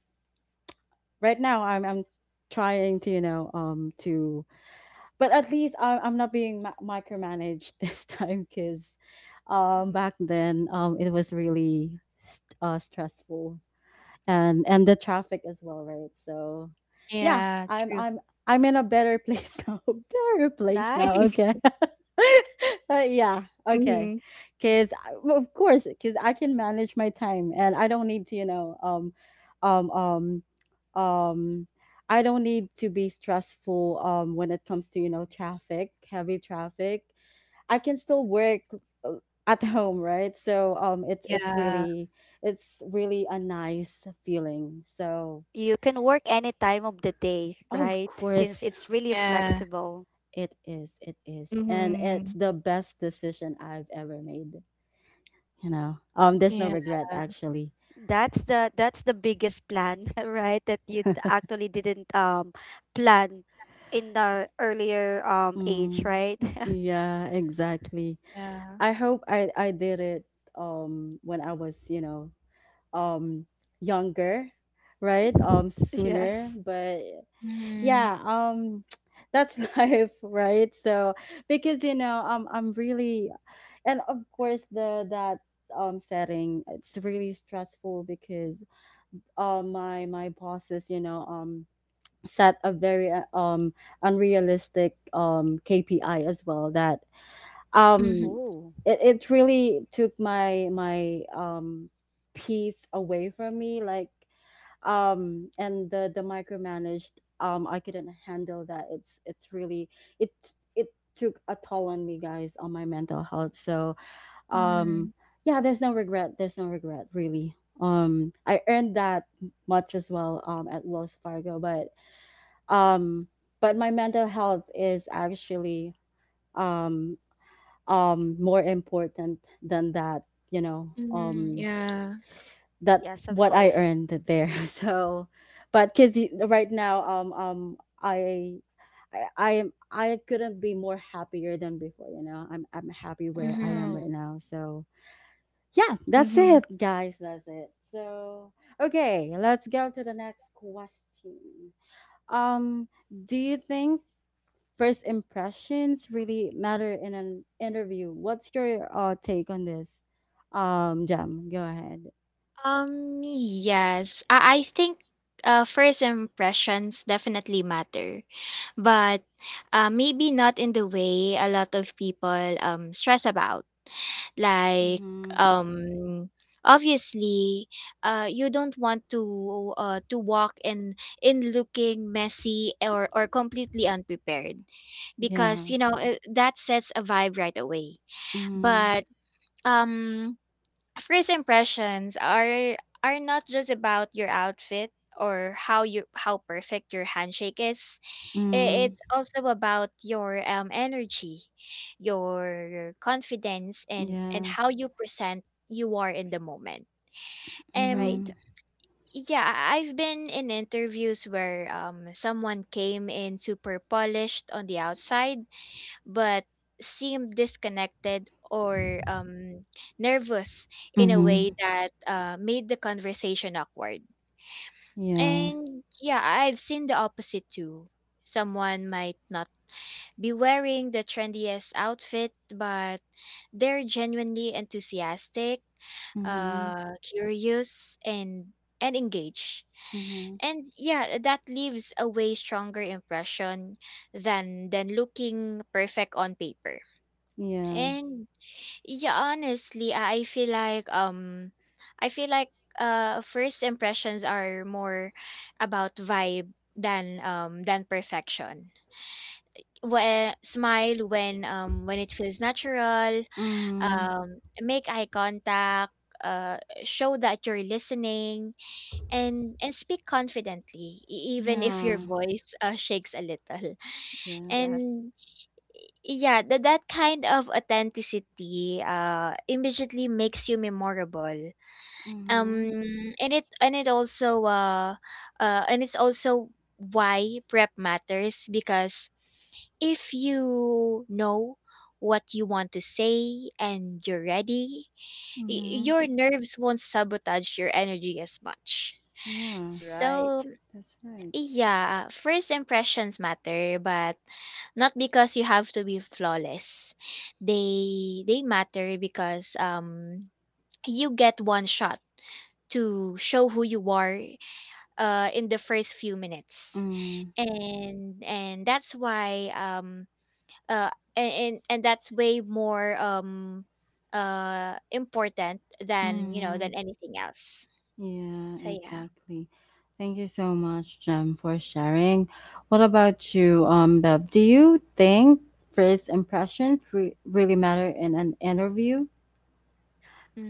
S1: right now I'm trying to you know to but at least, I'm not being micromanaged this time, because, back
S2: Mhm.
S1: then, it was really stressful, and the traffic as well, right? So yeah,
S2: Yeah,
S1: I'm
S2: true.
S1: I'm I'm in a better place now. Better place now.
S3: Nice.
S1: Okay. But yeah, okay,
S2: Mhm.
S1: because of course, because I can manage my time and I don't need to, um, um, um I don't need to be stressful when it comes to, traffic, heavy traffic. I can still work, uh, at home, right? So, it's it's
S2: Yeah.
S1: really it's really a nice feeling. So
S3: You can work any time of the day,
S1: of
S3: right? Since
S1: course
S3: it's really
S2: Yeah.
S3: flexible.
S1: it is. It is. And it's
S2: Mhm.
S1: the best decision I've ever made. There's no
S2: Yeah.
S1: regret, actually.
S3: That's the biggest plan, right? That you actually didn't plan in the earlier age,
S1: Mm,
S3: right?
S1: yeah, exactly.
S2: Yeah.
S1: I hope I did it when I was, um younger, right? Sooner,
S3: Yes.
S1: but
S2: Mhm.
S1: yeah, that's life, right? So, because, I'm really, and of course, the, that setting, it's really stressful because, my bosses, set a very, unrealistic KPI as well, that,
S2: Mhm.
S1: um
S3: Oh,
S1: it really took my peace away from me, like, and the micromanaged, I couldn't handle that. It's really, it it took a toll on me, guys, on my mental health. So, um
S2: Mhm.
S1: yeah, there's no regret, there's no regret, really. I earned that much as well, at Wells Fargo, but, um but my mental health is actually, um more important than, that you know
S2: Mhm. Yeah.
S1: that
S3: yes, of
S1: what I
S3: course.
S1: earned there so, but, because right now, I couldn't be more happier than before. I'm happy where I am
S2: Mhm.
S3: Wow.
S1: right now. So yeah, that's
S2: Mhm.
S1: it, guys. That's it. So, okay, let's go to the next question. Um, do you think first impressions really matter in an interview? What's your, take on this? Jam, go ahead.
S2: Um, yes. I think first impressions definitely matter. But maybe not in the way a lot of people stress about, like
S1: Mm-hmm.
S2: um obviously you don't want to walk in looking messy or completely unprepared because
S1: Yeah.
S2: you know, that sets a vibe right away.
S1: Mm-hmm.
S2: But um first impressions are not just about your outfit or how you, how perfect your handshake is. I-
S1: Mm-hmm.
S2: It's also about your energy, your confidence, and
S1: Yeah.
S2: how you present you are in the moment. Um,
S3: Right.
S1: Mm-hmm.
S2: yeah, I- I've been in interviews where someone came in super polished on the outside, but seemed disconnected or nervous in a
S1: Mm-hmm.
S2: way that made the conversation awkward.
S1: Yeah.
S2: And yeah, I've seen the opposite too. Someone might not be wearing the trendiest outfit, but they're genuinely enthusiastic,
S1: Mm-hmm.
S2: curious, and engaged.
S1: Mm-hmm.
S2: And yeah, that leaves a way stronger impression than looking perfect on paper.
S1: Yeah.
S2: And yeah, honestly, I feel like first impressions are more about vibe than perfection. When, smile when it feels natural,
S1: Mm-hmm.
S2: make eye contact, uh, show that you're listening, and speak confidently, even if your
S1: Yeah.
S2: voice shakes a little.
S1: Yeah.
S3: Yes.
S2: And yeah, that that kind of authenticity immediately makes you memorable.
S1: Mm-hmm.
S2: Um, and it also and it's also why prep matters, because if you know what you want to say and you're ready,
S1: Mm-hmm.
S2: your nerves won't sabotage your energy as much.
S1: Yeah.
S2: So,
S3: Right.
S1: That's right.
S2: yeah, first impressions matter, but not because you have to be flawless. They matter because you get one shot to show who you are in the first few minutes. And that's why uh and that's way more important than, you know,
S1: Mm-hmm.
S2: than anything else.
S1: Yeah,
S2: So yeah.
S1: exactly. Thank you so much, Jem, for sharing. What about you, Bev? Do you think first impressions really matter in an interview?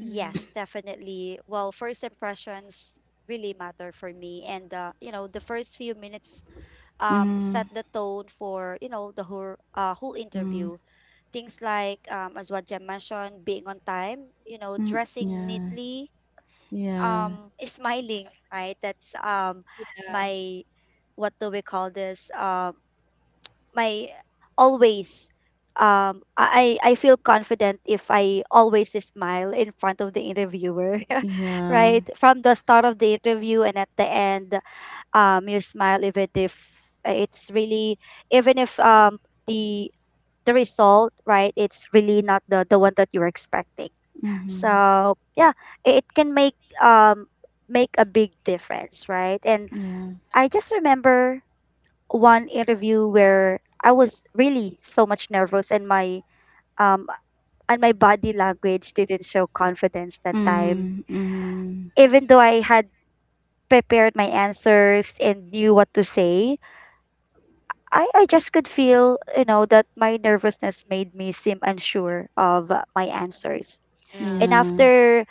S3: Yes, definitely. Well, first impressions really matter for me, and you know, the first few minutes set
S1: Mm-hmm.
S3: the tone for, you know, the whole whole
S1: Mm.
S3: interview. Things like as what Jem mentioned, being on time, you know,
S1: Mm,
S3: dressing
S1: yeah,
S3: neatly,
S1: yeah,
S3: smiling, right? That's
S2: Yeah.
S3: my, what do we call this? My always. I feel confident if I always smile in front of the interviewer,
S1: yeah.
S3: right? From the start of the interview and at the end, you smile even if uh, it's really even if um the the result, right, it's really not the the one that you're expecting.
S1: Mm-hmm.
S3: So yeah, it can make um make a big difference, right? And
S1: Yeah.
S3: I just remember one interview where I was really so much nervous um and my body language didn't show confidence that time,
S1: Mm-hmm. Mm-hmm.
S3: even though I had prepared my answers and knew what to say. I just could feel, you know, that my nervousness made me seem unsure of my answers. And
S2: Yeah.
S1: Yeah,
S3: after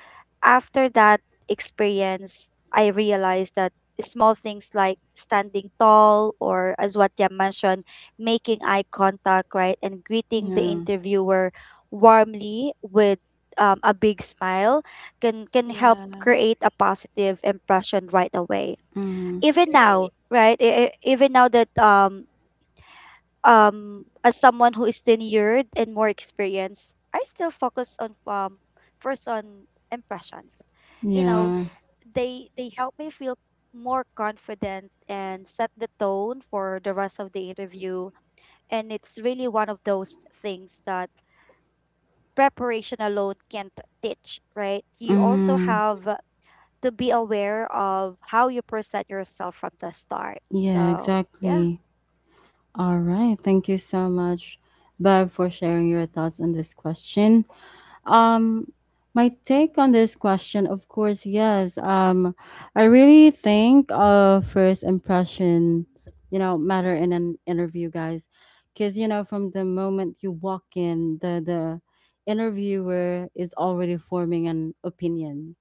S3: after that experience, I realized that small things like standing tall, or as what you mentioned, making eye contact, right, and greeting the
S1: yeah.
S3: interviewer warmly with a big smile can help
S2: Yeah.
S3: create a positive impression right away,
S1: Mm-hmm.
S3: even now,
S2: Right.
S3: right? Even now that as someone who is tenured and more experienced, I still focus on first on impressions. You know,
S2: Hmm.
S1: Yeah.
S3: they help me feel more confident and set the tone for the rest of the interview. And it's really one of those things that preparation alone can't teach, right? You also
S1: Mm-hmm.
S3: have to be aware of how you present yourself from the start.
S1: Yeah,
S3: So yeah,
S1: exactly. All right. Thank you so much, Bev, for sharing your thoughts on this question. Um, my take on this question, of course, yes. I really think, first impressions, matter in an interview, guys. Cause, from the moment you walk in, the interviewer is already forming an opinion,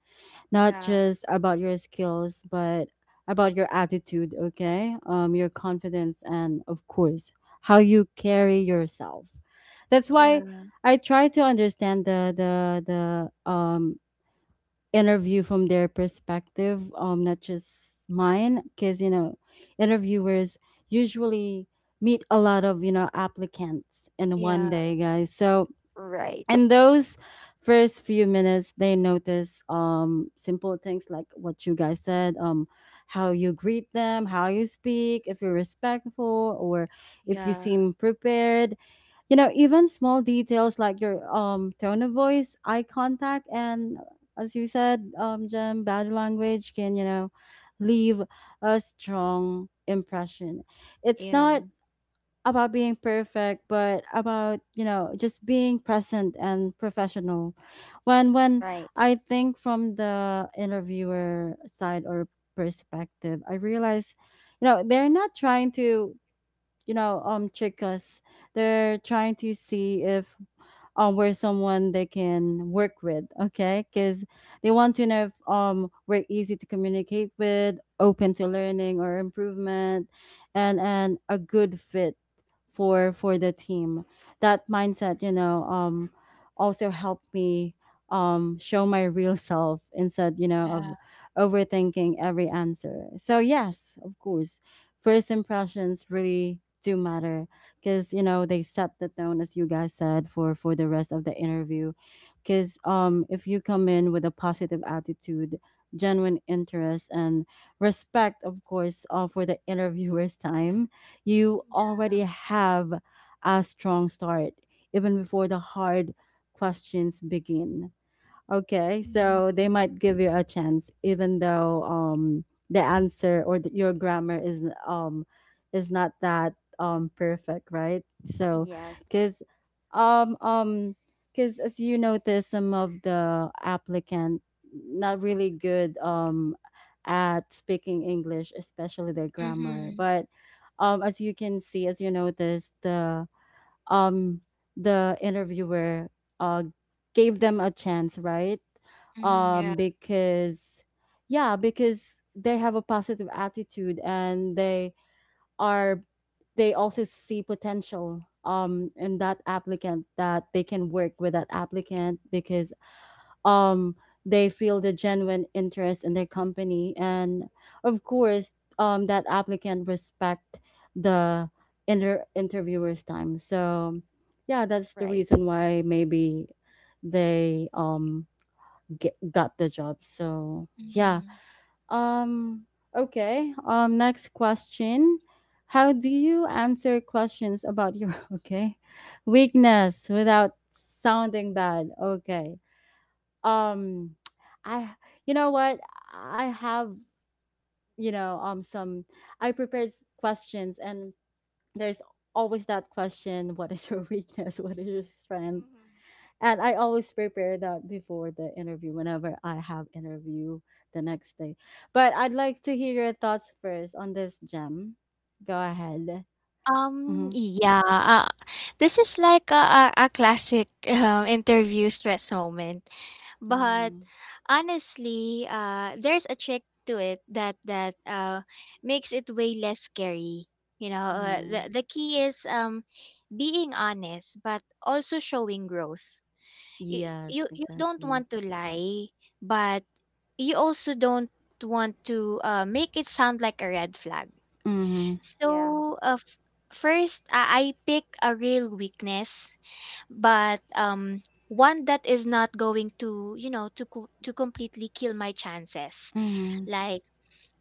S1: not
S2: Yeah.
S1: just about your skills, but about your attitude, okay? Your confidence, and of course, how you carry yourself. That's why
S2: Yeah.
S1: I try to understand the interview from their perspective, not just mine, because you know, interviewers usually meet a lot of applicants in one
S2: Yeah.
S1: day, guys. So
S3: right,
S1: in those first few minutes they notice simple things like what you guys said, how you greet them, how you speak, if you're respectful or if you
S2: Yeah.
S1: seem prepared, you know, even small details like your tone of voice, eye contact, and as you said, Jem, body language can, you know, leave a strong impression. It's not
S2: Yeah.
S1: about being perfect, but about, you know, just being present and professional. When
S3: right.
S1: I think from the interviewer side or perspective, I realize, you know, they're not trying to, trick us. They're trying to see if we're someone they can work with, okay? Because they want to know if we're easy to communicate with, open to learning or improvement, and a good fit for the team. That mindset, you know, also helped me, show my real self instead, you know, of
S2: Yeah.
S1: overthinking every answer. So yes, of course, first impressions really do matter because, you know, they set the tone, as you guys said, for the rest of the interview. Because if you come in with a positive attitude, genuine interest, and respect, of course, for the interviewer's time, you already have a strong start even before the hard questions begin. Okay, so
S2: Mm-hmm.
S1: they might give you a chance, even though the answer or your grammar is, is not that perfect, right? So,
S3: Yes,
S1: because um um because as you notice, some of the applicant not really good at speaking English, especially their grammar.
S2: Mm-hmm.
S1: But as you can see, as you notice, um, the interviewer uh, gave them a chance, right?
S2: Yeah.
S1: Because, yeah, because they have a positive attitude, and they are, they also see potential, in that applicant, that they can work with that applicant because um they feel the genuine interest in their company, and of course that applicant respect the interviewer's time. So yeah, that's the
S3: right.
S1: reason why maybe they get, got the job. So yeah,
S2: Mhm.
S1: um okay, next question. How do you answer questions about your okay weakness without sounding bad? Okay. um I, you know what, I have, some, I prepared questions, and there's always that question: what is your weakness, what is your strength. And I always prepare that before the interview whenever I have interview the next day. But I'd like to hear your thoughts first on this, Gem. Go ahead. Mm-hmm.
S2: Yeah, this is like a classic interview stress moment. But
S1: Mm.
S2: honestly, there's a trick to it that makes it way less scary. You know,
S1: Yeah.
S2: the key is being honest, but also showing growth. You, you
S1: Yes,
S2: you don't
S1: exactly.
S2: want to lie, but you also don't want to make it sound like a red flag.
S1: Mm-hmm.
S3: Yeah.
S2: So, first, I pick a real weakness, but one that is not going to, you know, to completely kill my chances.
S1: Mm-hmm.
S2: Like,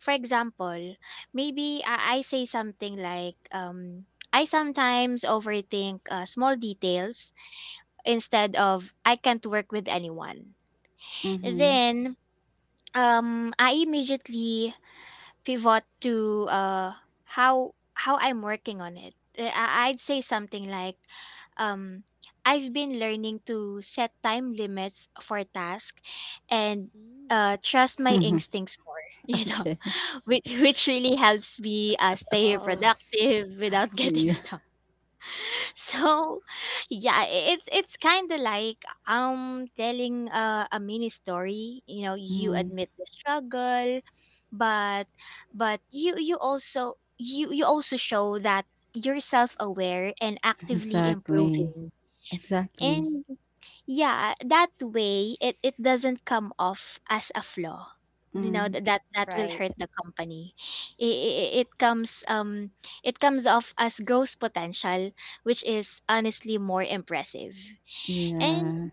S2: for example, maybe I say something like, I sometimes overthink small details, instead of I can't work with anyone. Then I immediately pivot to how I'm working on it. I- I'd say something like, um I've been learning to set time limits for tasks and
S3: Mm.
S2: trust my
S1: Mm-hmm.
S2: instincts more, you know.
S1: Okay.
S2: Which really helps me stay
S3: Oh,
S2: productive without getting
S1: Yeah.
S2: stuck. So yeah, I- it's kind of like telling a mini story, you know. You
S1: Mm,
S2: admit the struggle, but but you you also show that you're self-aware and actively
S1: exactly.
S2: improving.
S1: Exactly.
S2: And yeah, that way it it doesn't come off as a flaw, you know,
S1: Mm,
S2: that that will
S3: right,
S2: hurt the company. It, it comes off as growth potential, which is honestly more impressive. And
S1: yeah.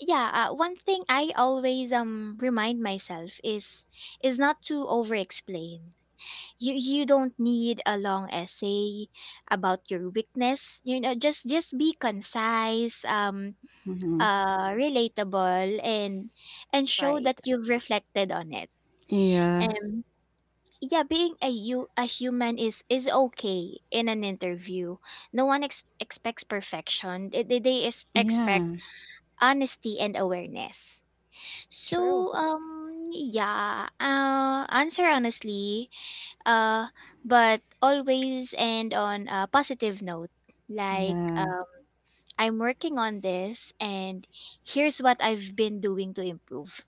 S2: yeah, one thing I always remind myself is not to over explain. You don't need a long essay about your weakness. You know, just be concise.
S1: Hmm.
S2: Relatable, and show that
S3: right.
S2: you've reflected on it.
S1: Yeah.
S2: Um, yeah, being a, you a human is okay in an interview. No one ex- expects perfection. They is
S1: Yeah.
S2: expect honesty and awareness.
S3: True,
S2: So yeah, answer honestly, uh, but always end on a positive note. Like,
S1: Yeah.
S2: I'm working on this, and here's what I've been doing to improve.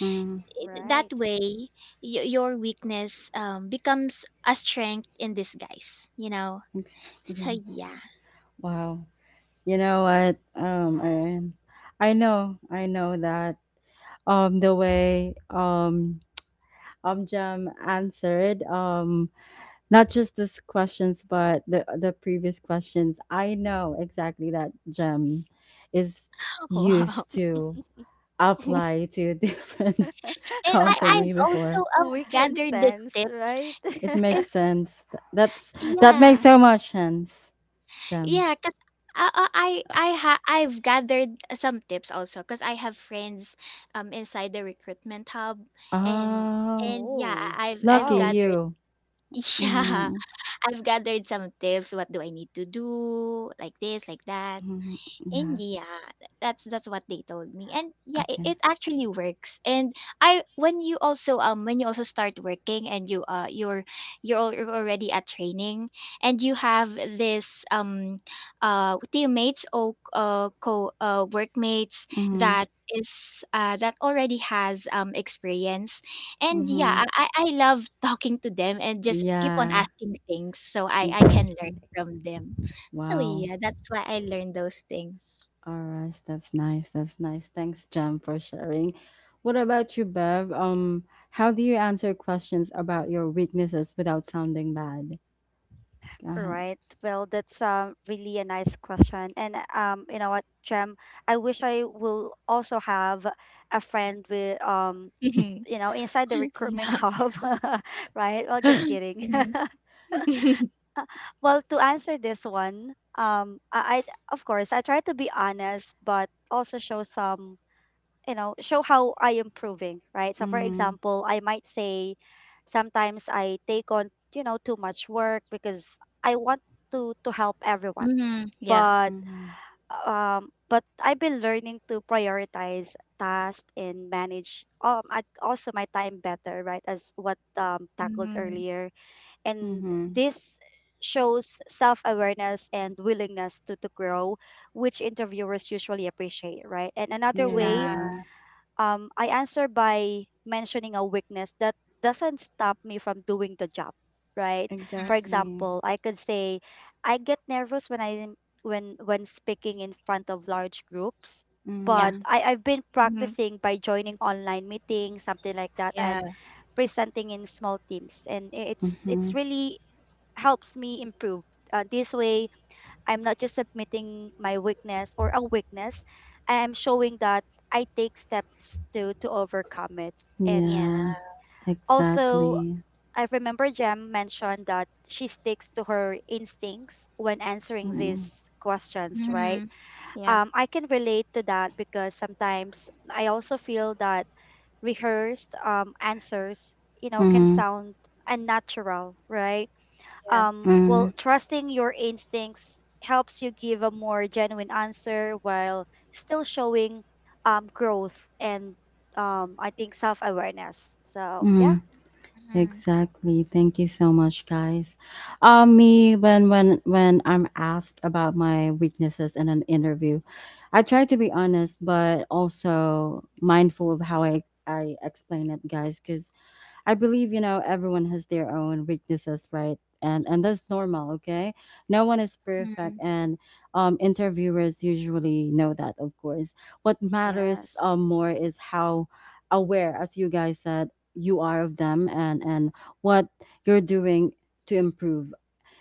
S1: Mm,
S3: right.
S2: That way, your weakness becomes a strength in disguise, you know? So,
S1: exactly.
S2: yeah.
S1: Wow. You know what? Erin, I know. I know that. The way Jam answered, not just this questions but the previous questions. I know exactly that Jam is
S2: Wow.
S1: used to apply to different
S2: And I, I've
S1: company before.
S2: also
S3: We can
S2: gathered these
S3: sense,
S2: tips
S3: right?
S1: It makes
S2: because,
S1: sense. That's, that makes
S2: yeah,
S1: so much sense, Jem.
S2: yeah, because I, I ha- I've gathered some tips also because I have friends inside the recruitment hub, and
S1: Oh,
S2: and yeah,
S3: Oh.
S2: I- I've
S1: lucky
S3: Wow.
S2: gathered
S1: you.
S2: yeah,
S1: Mm-hmm.
S2: I've gathered some tips. What do I need to do? Like this, like that.
S1: Hmm. Yeah.
S2: India. That's what they told me. And yeah,
S1: Okay.
S2: it actually works. And I, when you also start working, and you you're you're already at training and you have this um teammates or co workmates
S1: Mm-hmm.
S2: that is that already has experience. And
S1: Mm-hmm.
S2: yeah, I love talking to them and just keep on
S1: Yeah.
S2: asking things so I can learn
S1: Exactly.
S2: from them. So,
S1: Wow.
S2: yeah, that's why I learned those things.
S1: All right. That's nice. That's nice. Thanks, Jem, for sharing. What about you, Bev? How do you answer questions about your weaknesses without sounding bad? Go
S3: All
S1: ahead.
S3: right. Well, that's really a nice question. And you know what, Jem, I wish I will also have a friend with,
S2: Mhm.
S3: you know, inside the recruitment
S2: Yeah.
S3: hub, right? Well, just kidding.
S2: Mhm.
S3: Well, to answer this one, I of course I try to be honest, but also show some, you know, show how I am improving, right? So, for
S1: Mm-hmm.
S3: example, I might say, sometimes I take on, you know, too much work because I want to help everyone,
S2: Mhm. Yeah.
S3: but
S1: Mm-hmm.
S3: I've been learning to prioritize tasks and manage also my time better, right? As what tackled
S2: Mhm.
S3: earlier. And
S1: Mm-hmm.
S3: this shows self-awareness and willingness to grow, which interviewers usually appreciate, right? And another way,
S2: Yeah.
S1: Yeah,
S3: I answer by mentioning a weakness that doesn't stop me from doing the job, right?
S2: Mhm.
S3: For
S1: exactly.
S3: example, I could say, I get nervous when I when speaking in front of large groups,
S2: Yeah.
S3: but
S1: Mm-hmm.
S3: I've been
S2: Mhm.
S3: practicing by joining online meetings, something like that, and
S2: Yeah.
S3: presenting in small teams, and
S1: Mm-hmm.
S3: it's really helps me improve. This way, I'm not just submitting my weakness or a weakness. I am showing that I take steps to overcome it.
S2: Yeah.
S3: And
S1: Yeah,
S3: also,
S1: exactly.
S3: I remember Jem mentioned that she sticks to her instincts when answering
S1: Mm-hmm.
S3: these questions, right?
S2: Mhm. Yeah.
S3: I can relate to that because sometimes I also feel that rehearsed answers, you know, can
S1: Mm-hmm.
S3: sound unnatural, right?
S2: Yeah.
S1: Mm-hmm.
S3: Well, trusting your instincts helps you give a more genuine answer while still showing growth and I think self awareness. So, yeah,
S2: Mhm.
S1: Exactly. Thank you so much, guys. Me, when I'm asked about my weaknesses in an interview, I try to be honest, but also mindful of how I explain it, guys, because I believe, you know, everyone has their own weaknesses, right? And that's normal, okay? No one is
S2: Mhm.
S1: perfect, and interviewers usually know that, of course. What matters,
S3: yes,
S1: more is how aware, as you guys said, you are of them, and what you're doing to improve.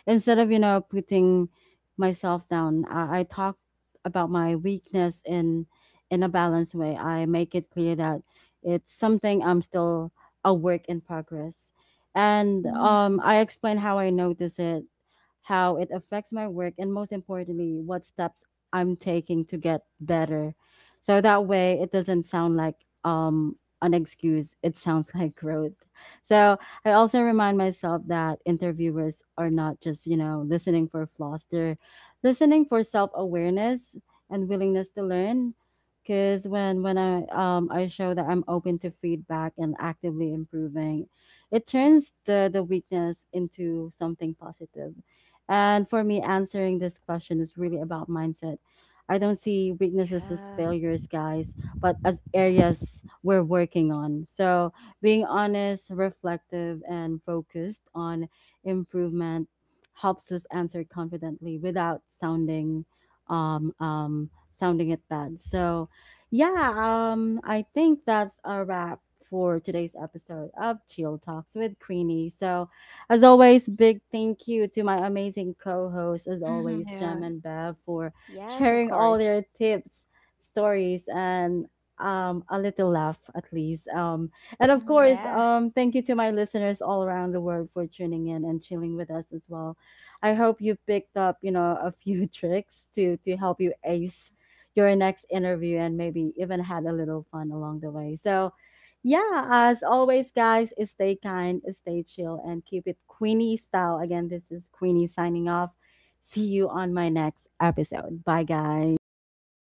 S1: Instead of, you know, putting myself down, I talk about my weakness in a balanced way. I make it clear that it's something I'm still a work in progress. And
S2: Mhm.
S1: I explain how I notice it, how it affects my work, and most importantly, what steps I'm taking to get better. So that way, it doesn't sound like, an excuse. It sounds like growth. So I also remind myself that interviewers are not just, you know, listening for flaws, they're listening for self awareness and willingness to learn. Because when I show that I'm open to feedback and actively improving, it turns the weakness into something positive. And for me, answering this question is really about mindset. I don't see weaknesses as
S3: yeah,
S1: failures, guys, but as
S3: yes,
S1: areas we're working on. So being honest, reflective, and focused on improvement helps us answer confidently without sounding sounding it bad. So, yeah, I think that's a wrap for today's episode of Chill Talks with Queenie. So, as always, big thank you to my amazing co hosts, as
S2: Mhm.
S1: always,
S2: Yeah.
S1: Jem and Bev, for
S3: yes, of
S1: sharing all
S3: course.
S1: their tips, stories, and a little laugh at least. And of course,
S2: Mhm.
S3: Yeah.
S1: thank you to my listeners all around the world for tuning in and chilling with us as well. I hope you picked up, you know, a few tricks to help you ace your next interview and maybe even had a little fun along the way. So, yeah, as always, guys, stay kind, stay chill, and keep it Queenie style. Again, this is Queenie signing off. See you on my next episode. Bye,
S2: Bye,
S1: guys.
S2: guys.